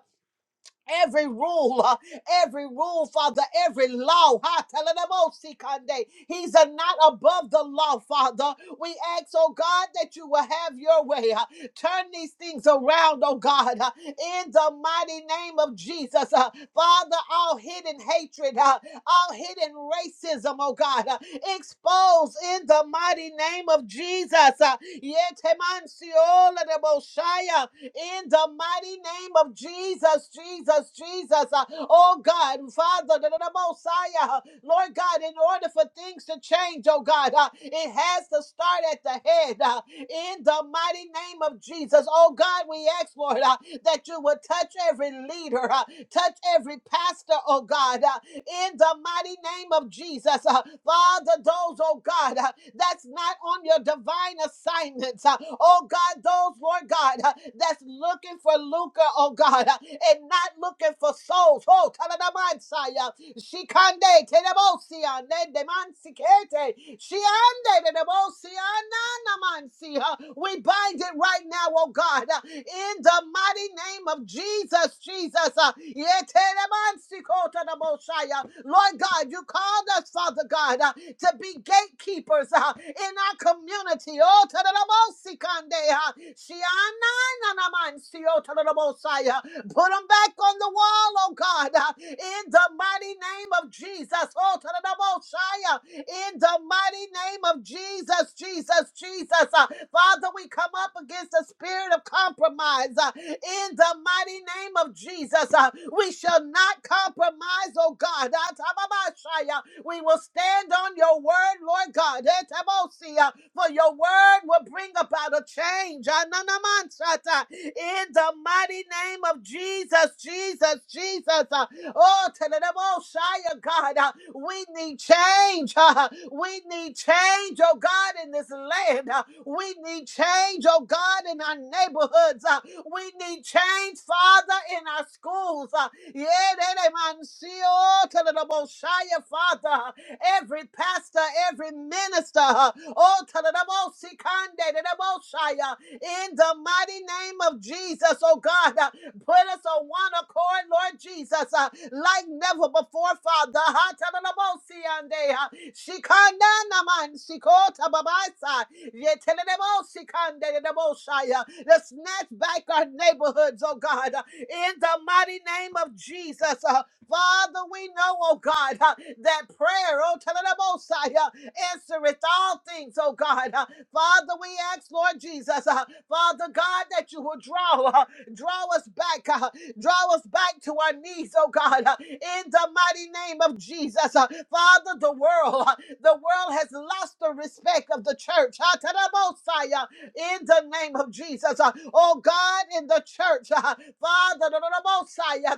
Every rule, uh, every rule, Father, every law. ha, telelemosikande. He's uh, not above the law, Father. We ask, oh God, that you will have your way. uh, Turn these things around, oh God, uh, in the mighty name of Jesus. uh, Father, all hidden hatred, uh, all hidden racism, oh God, uh, expose in the mighty name of Jesus. uh, Yetemansiola de Boshaya in the mighty name of Jesus, Jesus, Jesus. Uh, Oh God, Father, the the Messiah, uh, Lord God, in order for things to change, oh God, uh, it has to start at the head. uh, In the mighty name of Jesus, oh God, we ask, Lord, uh, that you would touch every leader, uh, touch every pastor, oh God, uh, in the mighty name of Jesus. Uh, Father, those, oh God, uh, that's not on your divine assignments. uh, oh God, those, Lord God, uh, that's looking for lucre, oh God, uh, and not looking for souls. Oh, Taladamansaya, Shikande, Tenebo. Bosia, let the man sikete. She ended the Bosia, Nanamansia. We bind it right now, oh God, uh, in the mighty name of Jesus, Jesus. uh, Yeteremansikotanaboshaya. Lord God, you called us, Father God, uh, to be gatekeepers uh, in our community. Oh, tadanabosikande, uh, Put them back on the wall, oh God, uh, in the mighty name of Jesus. Oh, in the mighty name of Jesus, Jesus, Jesus. Uh, Father, we come up against the spirit of compromise. uh, in the mighty name of Jesus, uh, we shall not compromise, oh God. We will stand on your word, Lord God. Etabosia, For your word will bring about a change. In the mighty name of Jesus, Jesus, Jesus. Uh, Oh, Tenedemoshaya, God, uh, we need change. Ah, We need change, oh God, in this land. Uh, We need change, oh God, in our neighborhoods. Ah, we need change, Father, in our schools. Uh, yeah, that I see all to the most high, Father. Every pastor, every minister, uh, all to the most high, uh, in the mighty name of Jesus, oh God, uh, put us on one accord, Lord Jesus, uh, like never before, Father. to the most high, Shikanda naman sikota babasa. Yetelelebo sikande lebo shaya. Let's snatch back our neighborhoods, oh God, in the mighty name of Jesus. Uh, Father, we know, oh God, uh, that prayer, oh telelebo shaya, answereth all things, oh God. Uh, Father, we ask, Lord Jesus, uh, Father God, that you will draw, uh, draw us back. uh, Draw us back to our knees, oh God, uh, in the mighty name of Jesus. Uh, Father, the world, uh, the world has lost the respect of the church. Ha, ta, da, si, uh, In the name of Jesus. Uh, Oh God, in the church, uh, Father, da, da, da, bo, si, uh,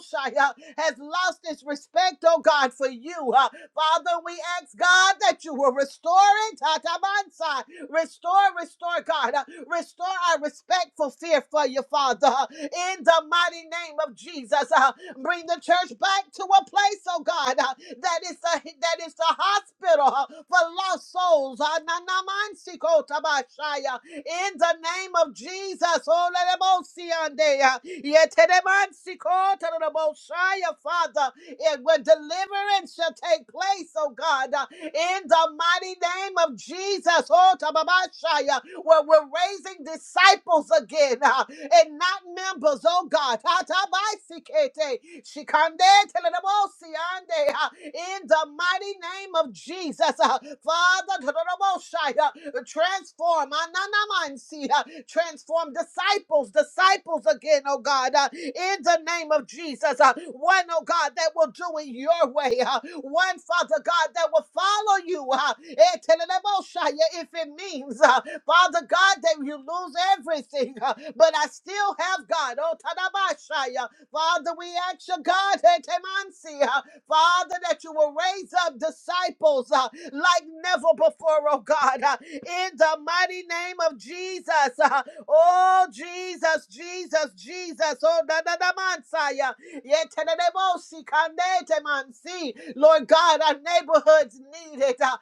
si, uh, has lost its respect, oh God, for you. Uh, Father, we ask God that you will restore it. Ta, ta, si. Restore, restore, God. Uh, Restore our respect for fear for you, Father. Uh, in the mighty name of Jesus. Uh, bring the church back to a place, oh God, uh, that is the that is the hospital uh, for lost souls. Uh, na- na- man- si- ko- ta- ba- shy, uh, in the name of Jesus, oh le- le- bo- si- an- de, uh, ye- te- de- man- si- ko- ta- de- bo- shy, uh, Father, it where deliverance shall take place, oh God, uh, in the mighty name of Jesus. Oh, Tababashaya where we're raising disciples again uh, and not members, oh God. Hatabasikete, shikande telenabosiande, uh, In the mighty name of Jesus, uh, Father, tadadaboshai, uh, transform, ananamansi, uh, transform disciples disciples, disciples again, oh God, uh, in the name of Jesus. Uh, one, oh God, that will do it your way. Uh, one, Father God, that will follow you. Uh, eh, teleleboshaya, if it means, uh, Father God, that you lose everything, uh, but I still have God. Oh, tadabashaya. Father, we ask you, God, eh, temansi, uh, Father, that you will raise up disciples uh, like never before, oh God, uh, in the mighty name of Jesus. uh, Oh, Jesus, Jesus, Jesus. Oh, da da da mansaya. Yetenedebosi kandete mansi. Lord God, our neighborhoods need it. uh,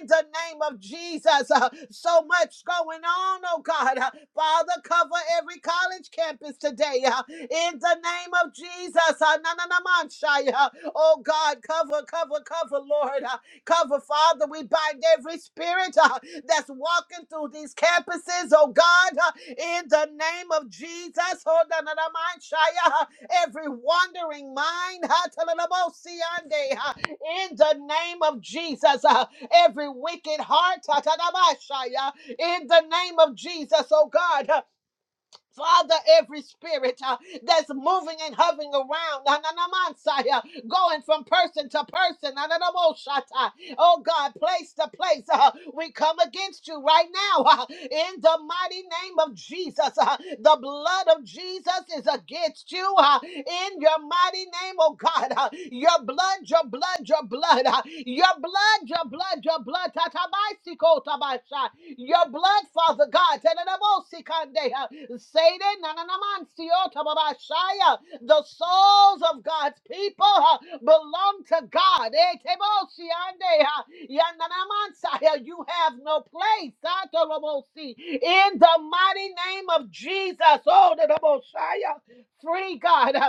in the name of Jesus, uh, so much going on, oh God. Uh, Father, cover every college campus today. uh, in the name of Jesus, uh, na na na manshaya. oh God, cover, cover, cover, Lord. Uh, Cover, Father, we bind every spirit uh, that's walking through these campuses, oh God, uh, in the name of Jesus. Oh, da, da, da, mind, Shia, uh, every wandering mind, ha, ta, da, da, bo, si, ande, uh, in the name of Jesus. uh, Every wicked heart, ta, ta, da, ba, shaya. in the name of Jesus, oh God. uh, Father, every spirit uh, that's moving and hovering around, na, na, na, man, shaya going from person to person. na, na, na, mo, shata oh God, place to place. uh, we come against you right now uh, in the mighty name of Jesus. uh, the blood of Jesus is against you uh, in your mighty name, oh God. uh, your blood, your blood, your blood, uh, your blood, your blood, your blood. Tatabaisiko tabasha. Your blood, Father God. Tadadabosikande, uh, Satan, nananamansiyo tababashaya. The souls of God's people uh, belong to God. Eh, tebosiande, uh, yananamansa. uh, You have no place atolobosi, in the mighty name of Jesus. Oh, the Messiah, free God. huh,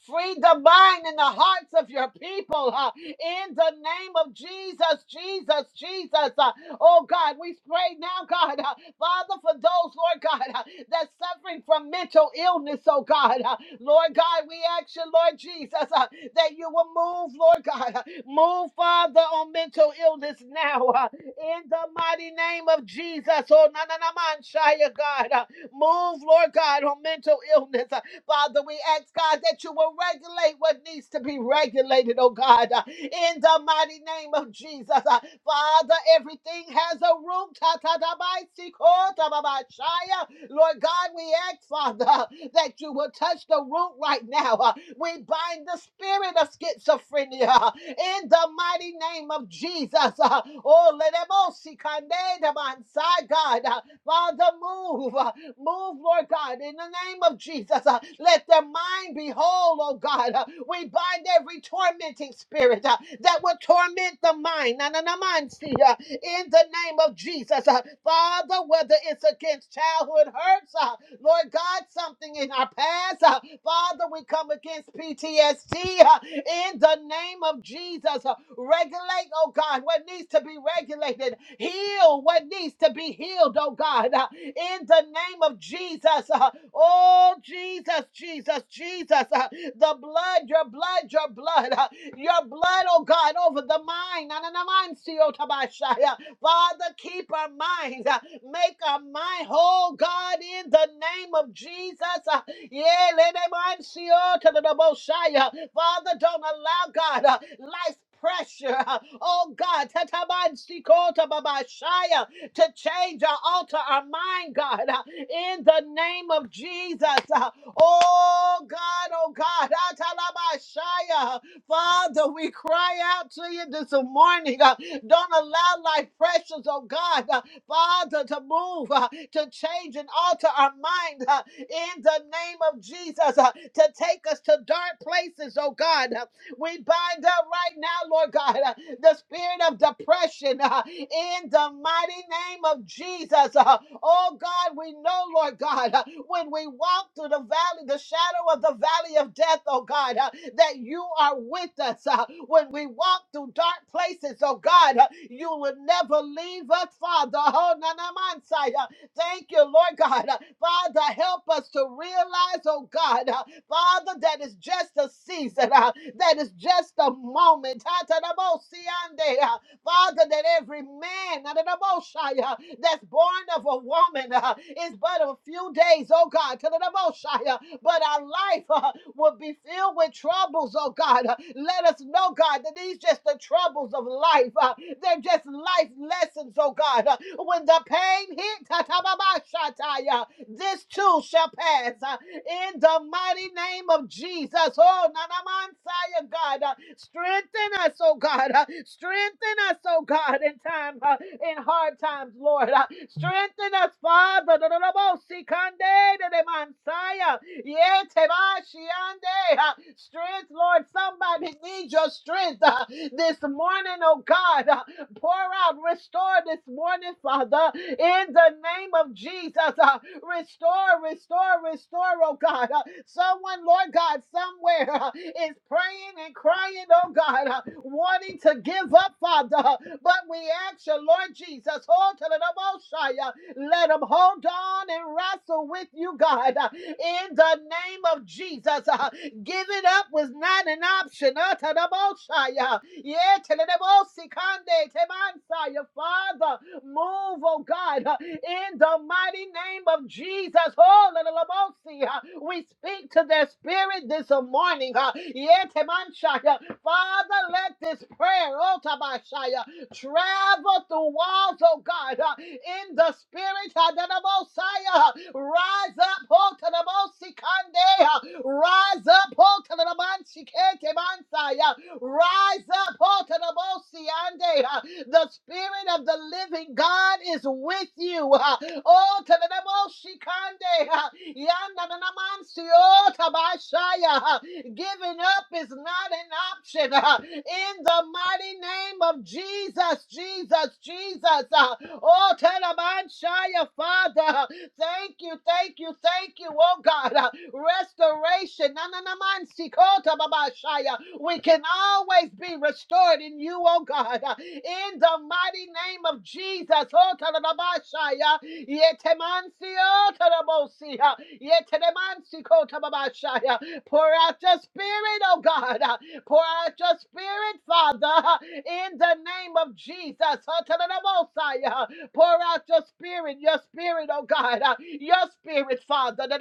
Free the mind and the hearts of your people uh, in the name of Jesus, Jesus, Jesus. uh, oh God, we pray now, God, uh, Father, for those, Lord God, uh, that's suffering from mental illness, oh God. uh, Lord God, we ask you, Lord Jesus, uh, that you will move, Lord God, uh, move, Father, on mental illness now uh, in the mighty name of Jesus. Oh, na na na man, Shia, God, uh, move, Lord God, on mental illness. uh, Father, we ask God that you will regulate what needs to be regulated, oh God, uh, in the mighty name of Jesus. Uh, Father, everything has a room. Ta ta ta bai, si, ko, ta, ba, ba, shia. Lord God, we ask, Father, uh, that you will touch the root right now. Uh, We bind the spirit of schizophrenia uh, in the mighty name of Jesus. Uh, Oh, let them all see, kande, the man, side, God. uh, Father, move. uh, Move, Lord God, in the name of Jesus. uh, Let their mind be whole, oh God. Uh, We bind every tormenting spirit uh, that will torment the mind. Na, na, na, mind, see, uh, In the name of Jesus. uh, Father, whether it's against childhood hurts, uh, Lord God, something in our past. Uh, Father, we come against PTSD uh, in the name of Jesus. Uh, regulate, oh God, what needs to be regulated. Heal what needs to be healed, oh God, uh, in the name of Jesus. Uh, oh, Jesus, Jesus, Jesus. Uh, the blood, your blood, your blood, uh, your blood, oh God, over the mind. Na, na, na, mind, see, oh, Tabashai. Father, keep our minds. uh, Make our mind whole, God, in the name of Jesus. Uh, yeah, let them mind see all to the Most High, uh, Father, don't allow, God, uh, life's pressure, uh, oh God, tataman siko tababashaya, to change or alter our mind, God, uh, in the name of Jesus. Uh, Oh God, oh God, atalabashaya. Father, we cry out to you this morning. uh, Don't allow life pressures, oh God, uh, Father, to move, uh, to change and alter our mind uh, in the name of Jesus, uh, to take us to dark places, oh God. uh, we bind up right now, Lord God, uh, the spirit of depression uh, in the mighty name of Jesus. uh, oh God, we know, Lord God, uh, when we walk through the valley, the shadow of the valley of death, oh God, uh, that you are with us. uh, when we walk through dark places, oh God, uh, you will never leave us, Father. Oh, nanamansai, uh, Thank you, Lord God. Uh, Father, help us to realize, oh God, uh, Father, that it's just a season. uh, that is just a moment. uh, Father, that every man uh, that's born of a woman uh, is but a few days, oh God. uh, But our life uh, will be filled with troubles, oh God. Uh, Let us know, God, that these just the troubles of life. uh, They're just life lessons, oh God. Uh, When the pain hit, uh, this too shall pass. uh, in the mighty name of Jesus. Oh, Nanamansaya, God, uh, strengthen us, oh God, uh, strengthen us, oh God, in time, uh, in hard times, Lord, uh, strengthen us, Father. Nananamosikande, Nanamansaya, Yetemashiande, uh, Strength, Lord, somebody needs your strength uh, this morning, oh God. Uh, Pour out, restore this morning, Father, in the name of Jesus. uh, Restore, restore, restore, oh God. Uh, Someone, Lord God, somewhere uh, is praying and crying, oh God, uh, wanting to give up, Father. Uh, But we ask you, Lord Jesus, hold to the Messiah. Let them hold on and wrestle with you, God. Uh, In the name of Jesus, uh, giving up was not an option. Uh, to the Messiah. Yeah, to the Messiah, Father. Move, oh God, uh, in the mighty name of Jesus. Oh, Lalabosi, uh, we speak to their spirit this morning. uh, uh, Father, let this prayer, oh Tabashaya, travel through walls, oh God, uh, in the spirit, uh, Dadabosaya, uh, rise up, oh Tadabosikande, uh, rise up, oh Tadabansiketemansaya, rise up, oh Tadabosi, the Spirit of the living God is with you. Ah, Oh, to the devil, she kande. Ah, yanda si oh, tabashaya. Ah, Giving up is not an option. Ah, In the mighty name of Jesus, Jesus, Jesus. Oh, Shaya, Father. Thank you, thank you, thank you, oh God. Uh, Restoration. Na, na, na, man, si, kota, Shaya. We can always be restored in you, oh God. Uh, In the mighty name of Jesus. Oh, ta, da, da, ba, Shaya. Yete, man, si, oh, ta, si, uh, si, Shaya. Pour out your spirit, oh God. Uh, Pour out your spirit, Father, in the name of Jesus. Pour out your spirit, your spirit, oh God, uh, your spirit, Father. In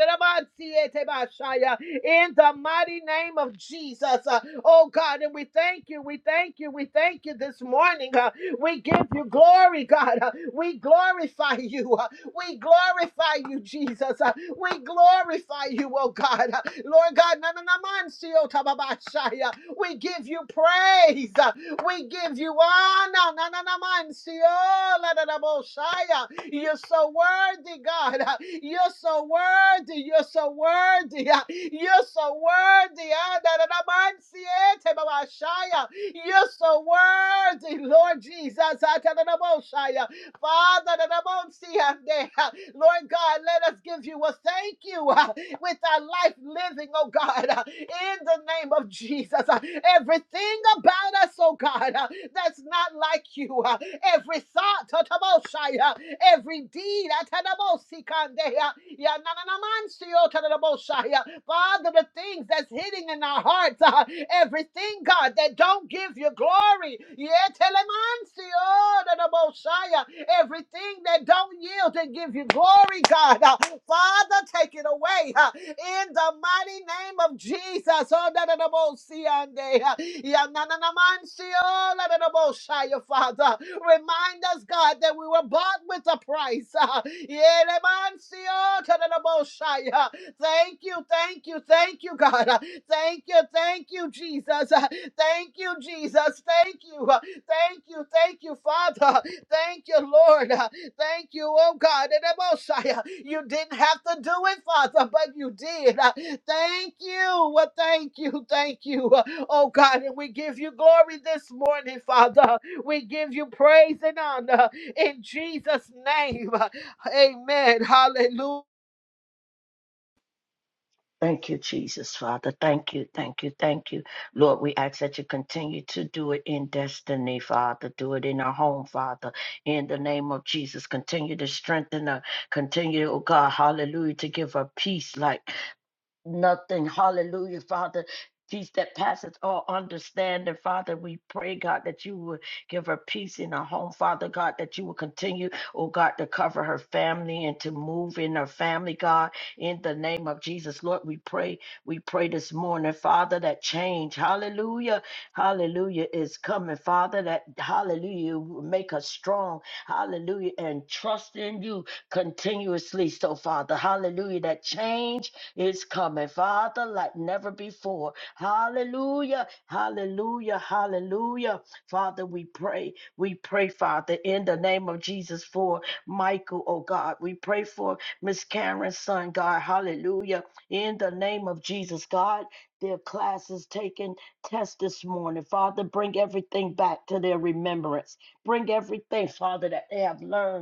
the mighty name of Jesus, uh, oh God, and we thank you, we thank you, we thank you this morning. uh, We give you glory, God. uh, We glorify you. uh, We glorify you, Jesus. uh, We glorify you, oh God. uh, Lord God, si- oh, uh, we give you praise. Uh, we give you honor. Na, na, na, man, see, oh, la, da, da, Messiah. You're so worthy, God. You're so worthy. You're so worthy. You're so worthy. Ah, da, da, da, man, see, eh, You're so worthy, Lord Jesus. Ah, da, da, da, Messiah. Father, that I won't see her there. Lord God, let us give you a thank you uh, with our life living, oh God, uh, in the name of Jesus. Uh, Everything about us, oh God, uh, that's not like you. uh, Every thought, uh, Taboshai, uh, every deed, uh, Tadabosikande, uh, Yanananamansi, oh, Tadaboshai, uh, Father, the things that's hidden in our hearts, uh, everything, God, that don't give you glory. Yeah, telemancio, da da bosaya. Everything that don't yield and give you glory, God. Uh, Father, take it away uh, in the mighty name of Jesus. Oh, da da da bosiande, uh, ya na na na mancio, da da da bosaya, Father. Remind us, God, that we were bought with a price. uh, yeah, lemancio, da da da bosaya. Thank you, thank you, thank you, God. Uh, Thank you, thank you, Jesus. Uh, Thank you, Jesus. Thank you. Uh, Thank you, thank you, Father. Thank you, Lord. Uh, Thank you, oh God. And Messiah, you didn't have to do it, Father, but you did. Uh, Thank you. Well, thank you, thank you, Uh, oh God. And we give you glory this morning, Father. We give you praise and honor in Jesus' name. Uh, Amen. Hallelujah.
Thank you, Jesus, Father. Thank you, thank you, thank you. Lord, we ask that you continue to do it in destiny, Father. Do it in our home, Father. In the name of Jesus, continue to strengthen her. Continue, oh God, hallelujah, to give her peace like nothing. Hallelujah, Father. Peace that passes all understanding, Father. We pray, God, that you would give her peace in her home, Father God, that you will continue, oh God, to cover her family and to move in her family, God, in the name of Jesus. Lord, we pray, we pray this morning, Father, that change, hallelujah, hallelujah, is coming, Father, that hallelujah will make us strong, hallelujah, and trust in you continuously. So, Father, hallelujah, that change is coming, Father, like never before. Hallelujah, hallelujah, hallelujah. Father, we pray, we pray, Father, in the name of Jesus for Michael, oh God. We pray for Miss Karen's son, God. Hallelujah, in the name of Jesus, God. Their classes taking test this morning. Father, bring everything back to their remembrance. Bring everything, Father, that they have learned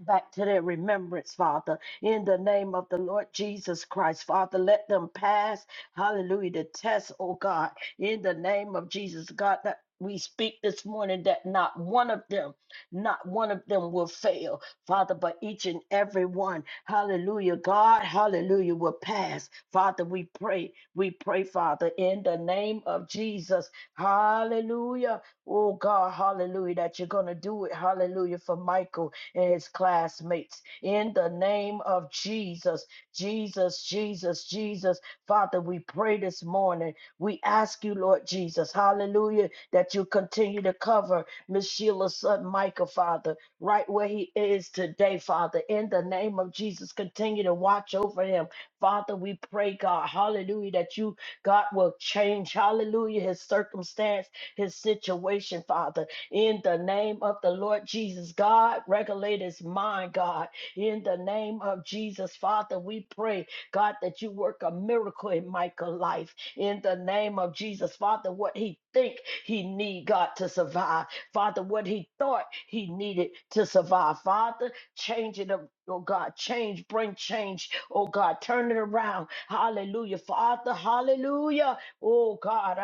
back to their remembrance, Father, in the name of the Lord Jesus Christ. Father, let them pass, hallelujah, the test, oh God, in the name of Jesus, God, that we speak this morning that not one of them, not one of them will fail, Father, but each and every one, hallelujah, God, hallelujah, will pass. Father, we pray, we pray, Father, in the name of Jesus, hallelujah, oh God, hallelujah, that you're going to do it, hallelujah, for Michael and his classmates. In the name of Jesus, Jesus, Jesus, Jesus, Father, we pray this morning. We ask you, Lord Jesus, hallelujah, that you continue to cover Miss Sheila's son, Michael, Father, right where he is today, Father. In the name of Jesus, continue to watch over him. Father, we pray, God, hallelujah, that you, God, will change, hallelujah, his circumstance, his situation, Father in the name of the Lord Jesus. God, regulate his mind, God, in the name of Jesus. Father, we pray, God, that you work a miracle in Michael's life, in the name of Jesus. Father, what he think he need, God, to survive. Father, what he thought he needed to survive. Father, change it up. Oh God, change, bring change. Oh God, turn it around. Hallelujah. Father, hallelujah. Oh God,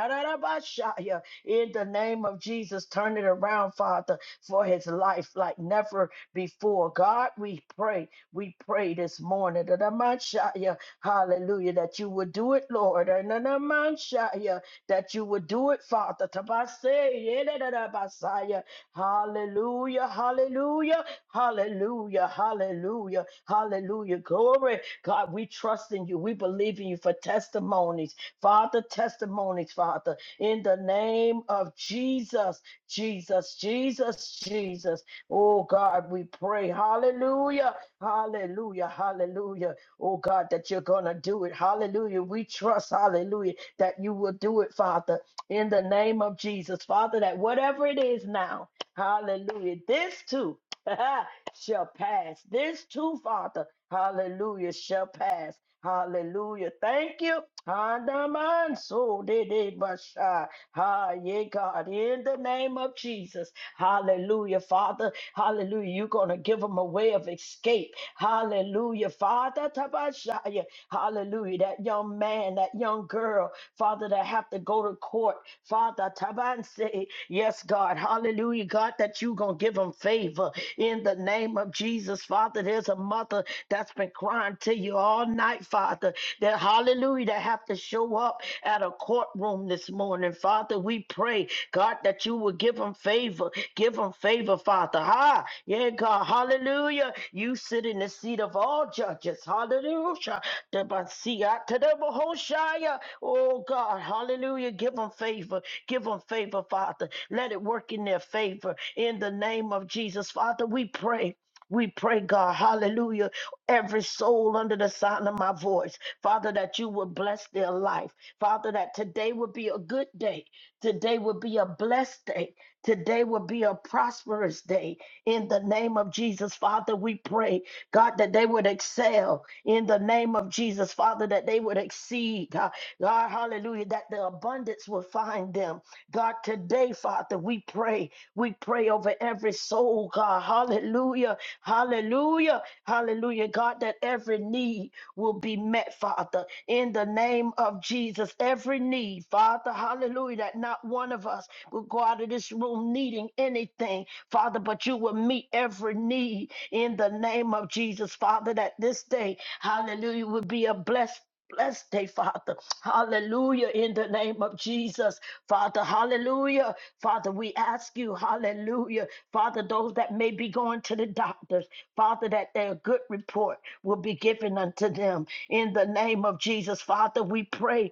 in the name of Jesus, turn it around, Father, for his life like never before. God, we pray. We pray this morning. that I might shout Hallelujah. That you would do it, Lord. And that I might That you would do it, Father. Tabasay, yeah, da, da, Hallelujah. Hallelujah. Hallelujah. Hallelujah. Hallelujah. Glory. God, we trust in you. We believe in you for testimonies. Father, testimonies, Father in the name of Jesus, Jesus, Jesus, Jesus. Oh God, we pray. Hallelujah, hallelujah, hallelujah. Oh God, that you're going to do it. Hallelujah. We trust, hallelujah, that you will do it, Father, in the name of Jesus. Father, that whatever it is now, hallelujah, this too. shall pass. This too, Father, hallelujah, shall pass. Hallelujah. Thank you. Hanaman so did it, Basha. Ah, yeah, God, in the name of Jesus. Hallelujah, Father. Hallelujah. You're going to give them a way of escape. Hallelujah, Father. Tabashaya. Hallelujah. That young man, that young girl, Father, that have to go to court. Father, Taban say, yes, God. Hallelujah, God, that you're going to give them favor in the name of Jesus. Father, there's a mother that's been crying to you all night, Father, that hallelujah, that have to show up at a courtroom this morning. Father, we pray, God, that you will give them favor, give them favor, Father. Ha, yeah, God, hallelujah. You sit in the seat of all judges, hallelujah. The Messiah, to the Mahoshaya. Oh, God, hallelujah. Give them favor, give them favor, Father. Let it work in their favor in the name of Jesus. Father, we pray. We pray, God, hallelujah, every soul under the sound of my voice, Father, that you would bless their life. Father, that today would be a good day. Today would be a blessed day. Today would be a prosperous day. In the name of Jesus, Father, we pray, God, that they would excel. In the name of Jesus, Father, that they would exceed. God, God, hallelujah, that the abundance would find them God, today, Father, we pray. We pray over every soul, God. Hallelujah. Hallelujah. Hallelujah. God, that every need will be met, Father, in the name of Jesus. Every need, Father. Hallelujah. That not one of us will go out of this room needing anything, Father, but you will meet every need in the name of Jesus, Father, that this day, hallelujah, will be a blessed. Blessed day, Father. Hallelujah. In the name of Jesus. Father, hallelujah. Father, we ask you, hallelujah. Father, those that may be going to the doctors, Father, that their good report will be given unto them. In the name of Jesus, Father, we pray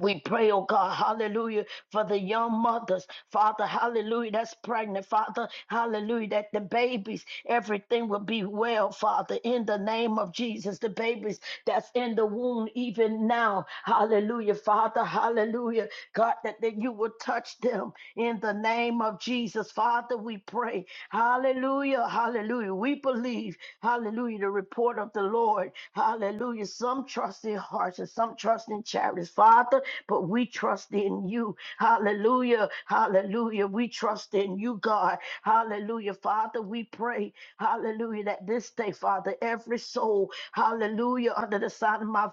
we pray, oh God, hallelujah, for the young mothers, Father, hallelujah, that's pregnant, Father, hallelujah, that the babies, everything will be well, Father, in the name of Jesus, the babies that's in the womb even now, hallelujah, Father, hallelujah, God, that, that you will touch them in the the name of Jesus, Father, we pray. Hallelujah. Hallelujah. We believe. Hallelujah. The report of the Lord. Hallelujah. Some trust in hearts and some trust in chariots, Father, but we trust in you. Hallelujah. Hallelujah. We trust in you, God. Hallelujah. Father, we pray. Hallelujah. That this day, Father, every soul, hallelujah, under the sound of my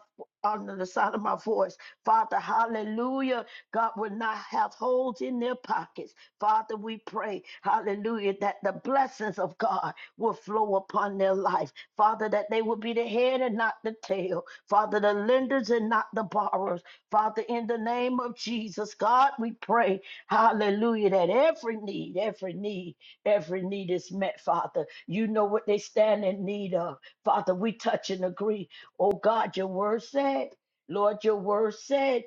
under the sound of my voice. Father, hallelujah. God will not have holes in their pockets. Father, we pray, hallelujah, that the blessings of God will flow upon their life. Father, that they will be the head and not the tail. Father, the lenders and not the borrowers. Father, in the name of Jesus, God, we pray, hallelujah, that every need, every need, every need is met, Father. You know what they stand in need of. Father, we touch and agree. Oh God, your word said, Lord, your word said,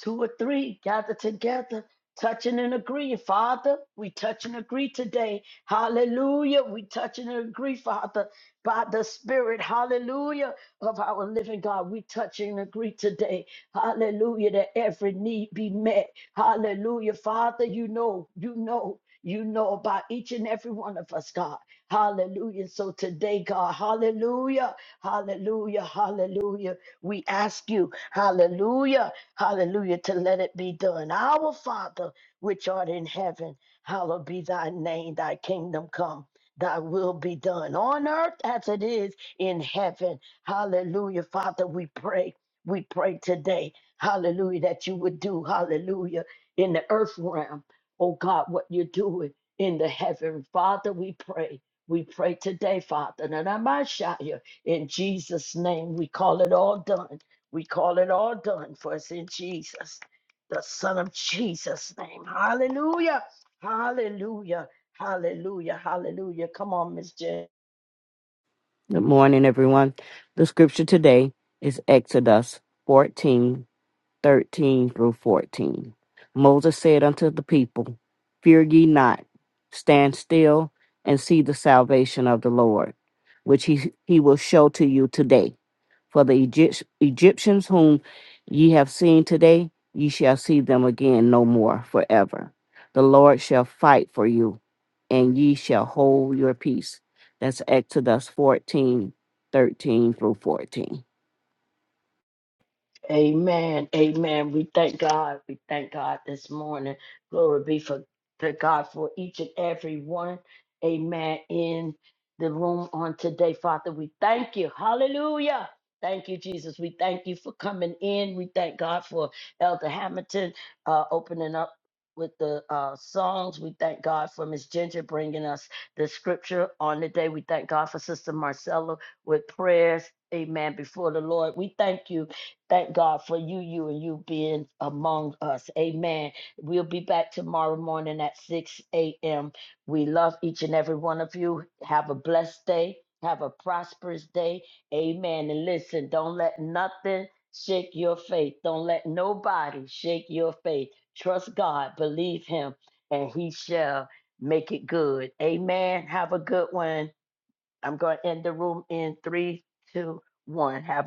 two or three gather together touching and agree. Father, we touch and agree today. Hallelujah. We touch and agree, Father, by the Spirit. Hallelujah. Of our living God, we touch and agree today. Hallelujah. That every need be met. Hallelujah. Father, you know, you know. You know about each and every one of us, God. Hallelujah. So today, God, hallelujah, hallelujah, hallelujah. We ask you, hallelujah. Hallelujah, to let it be done. Our Father, which art in heaven, hallowed be thy name, thy kingdom come. Thy will be done on earth as it is in heaven. Hallelujah. Father, we pray. We pray today. Hallelujah. That you would do, hallelujah, in the earth realm. Oh God, what you're doing in the heaven. Father, we pray. We pray today, Father. And I might shout you. In Jesus' name, we call it all done. We call it all done for us in Jesus, the Son of Jesus' name. Hallelujah. Hallelujah. Hallelujah. Hallelujah. Come on, Miss J.
Good morning, everyone. The scripture today is Exodus fourteen thirteen through 14. Moses said unto the people, Fear ye not, stand still and see the salvation of the Lord, which he, he will show to you today. For the Egypt- Egyptians whom ye have seen today, ye shall see them again no more forever. The Lord shall fight for you, and ye shall hold your peace. That's Exodus 14, 13 through 14.
Amen. Amen. We thank God. We thank God this morning. Glory be for to God for each and every one. Amen. In the room on today, Father, we thank you. Hallelujah. Thank you, Jesus. We thank you for coming in. We thank God for Elder Hamilton uh, opening up with the uh, songs. We thank God for Miss Ginger bringing us the scripture on the day. We thank God for Sister Marcella with prayers. Amen. Before the Lord, we thank you Thank God for you, you, and you being among us. Amen. We'll be back tomorrow morning at 6 a.m. We love each and every one of you. Have a blessed day. Have a prosperous day. Amen. And listen, don't let nothing shake your faith. Don't let nobody shake your faith. Trust God, believe Him, and He shall make it good. Amen. Have a good one. I'm going to end the room in three, two, one. Have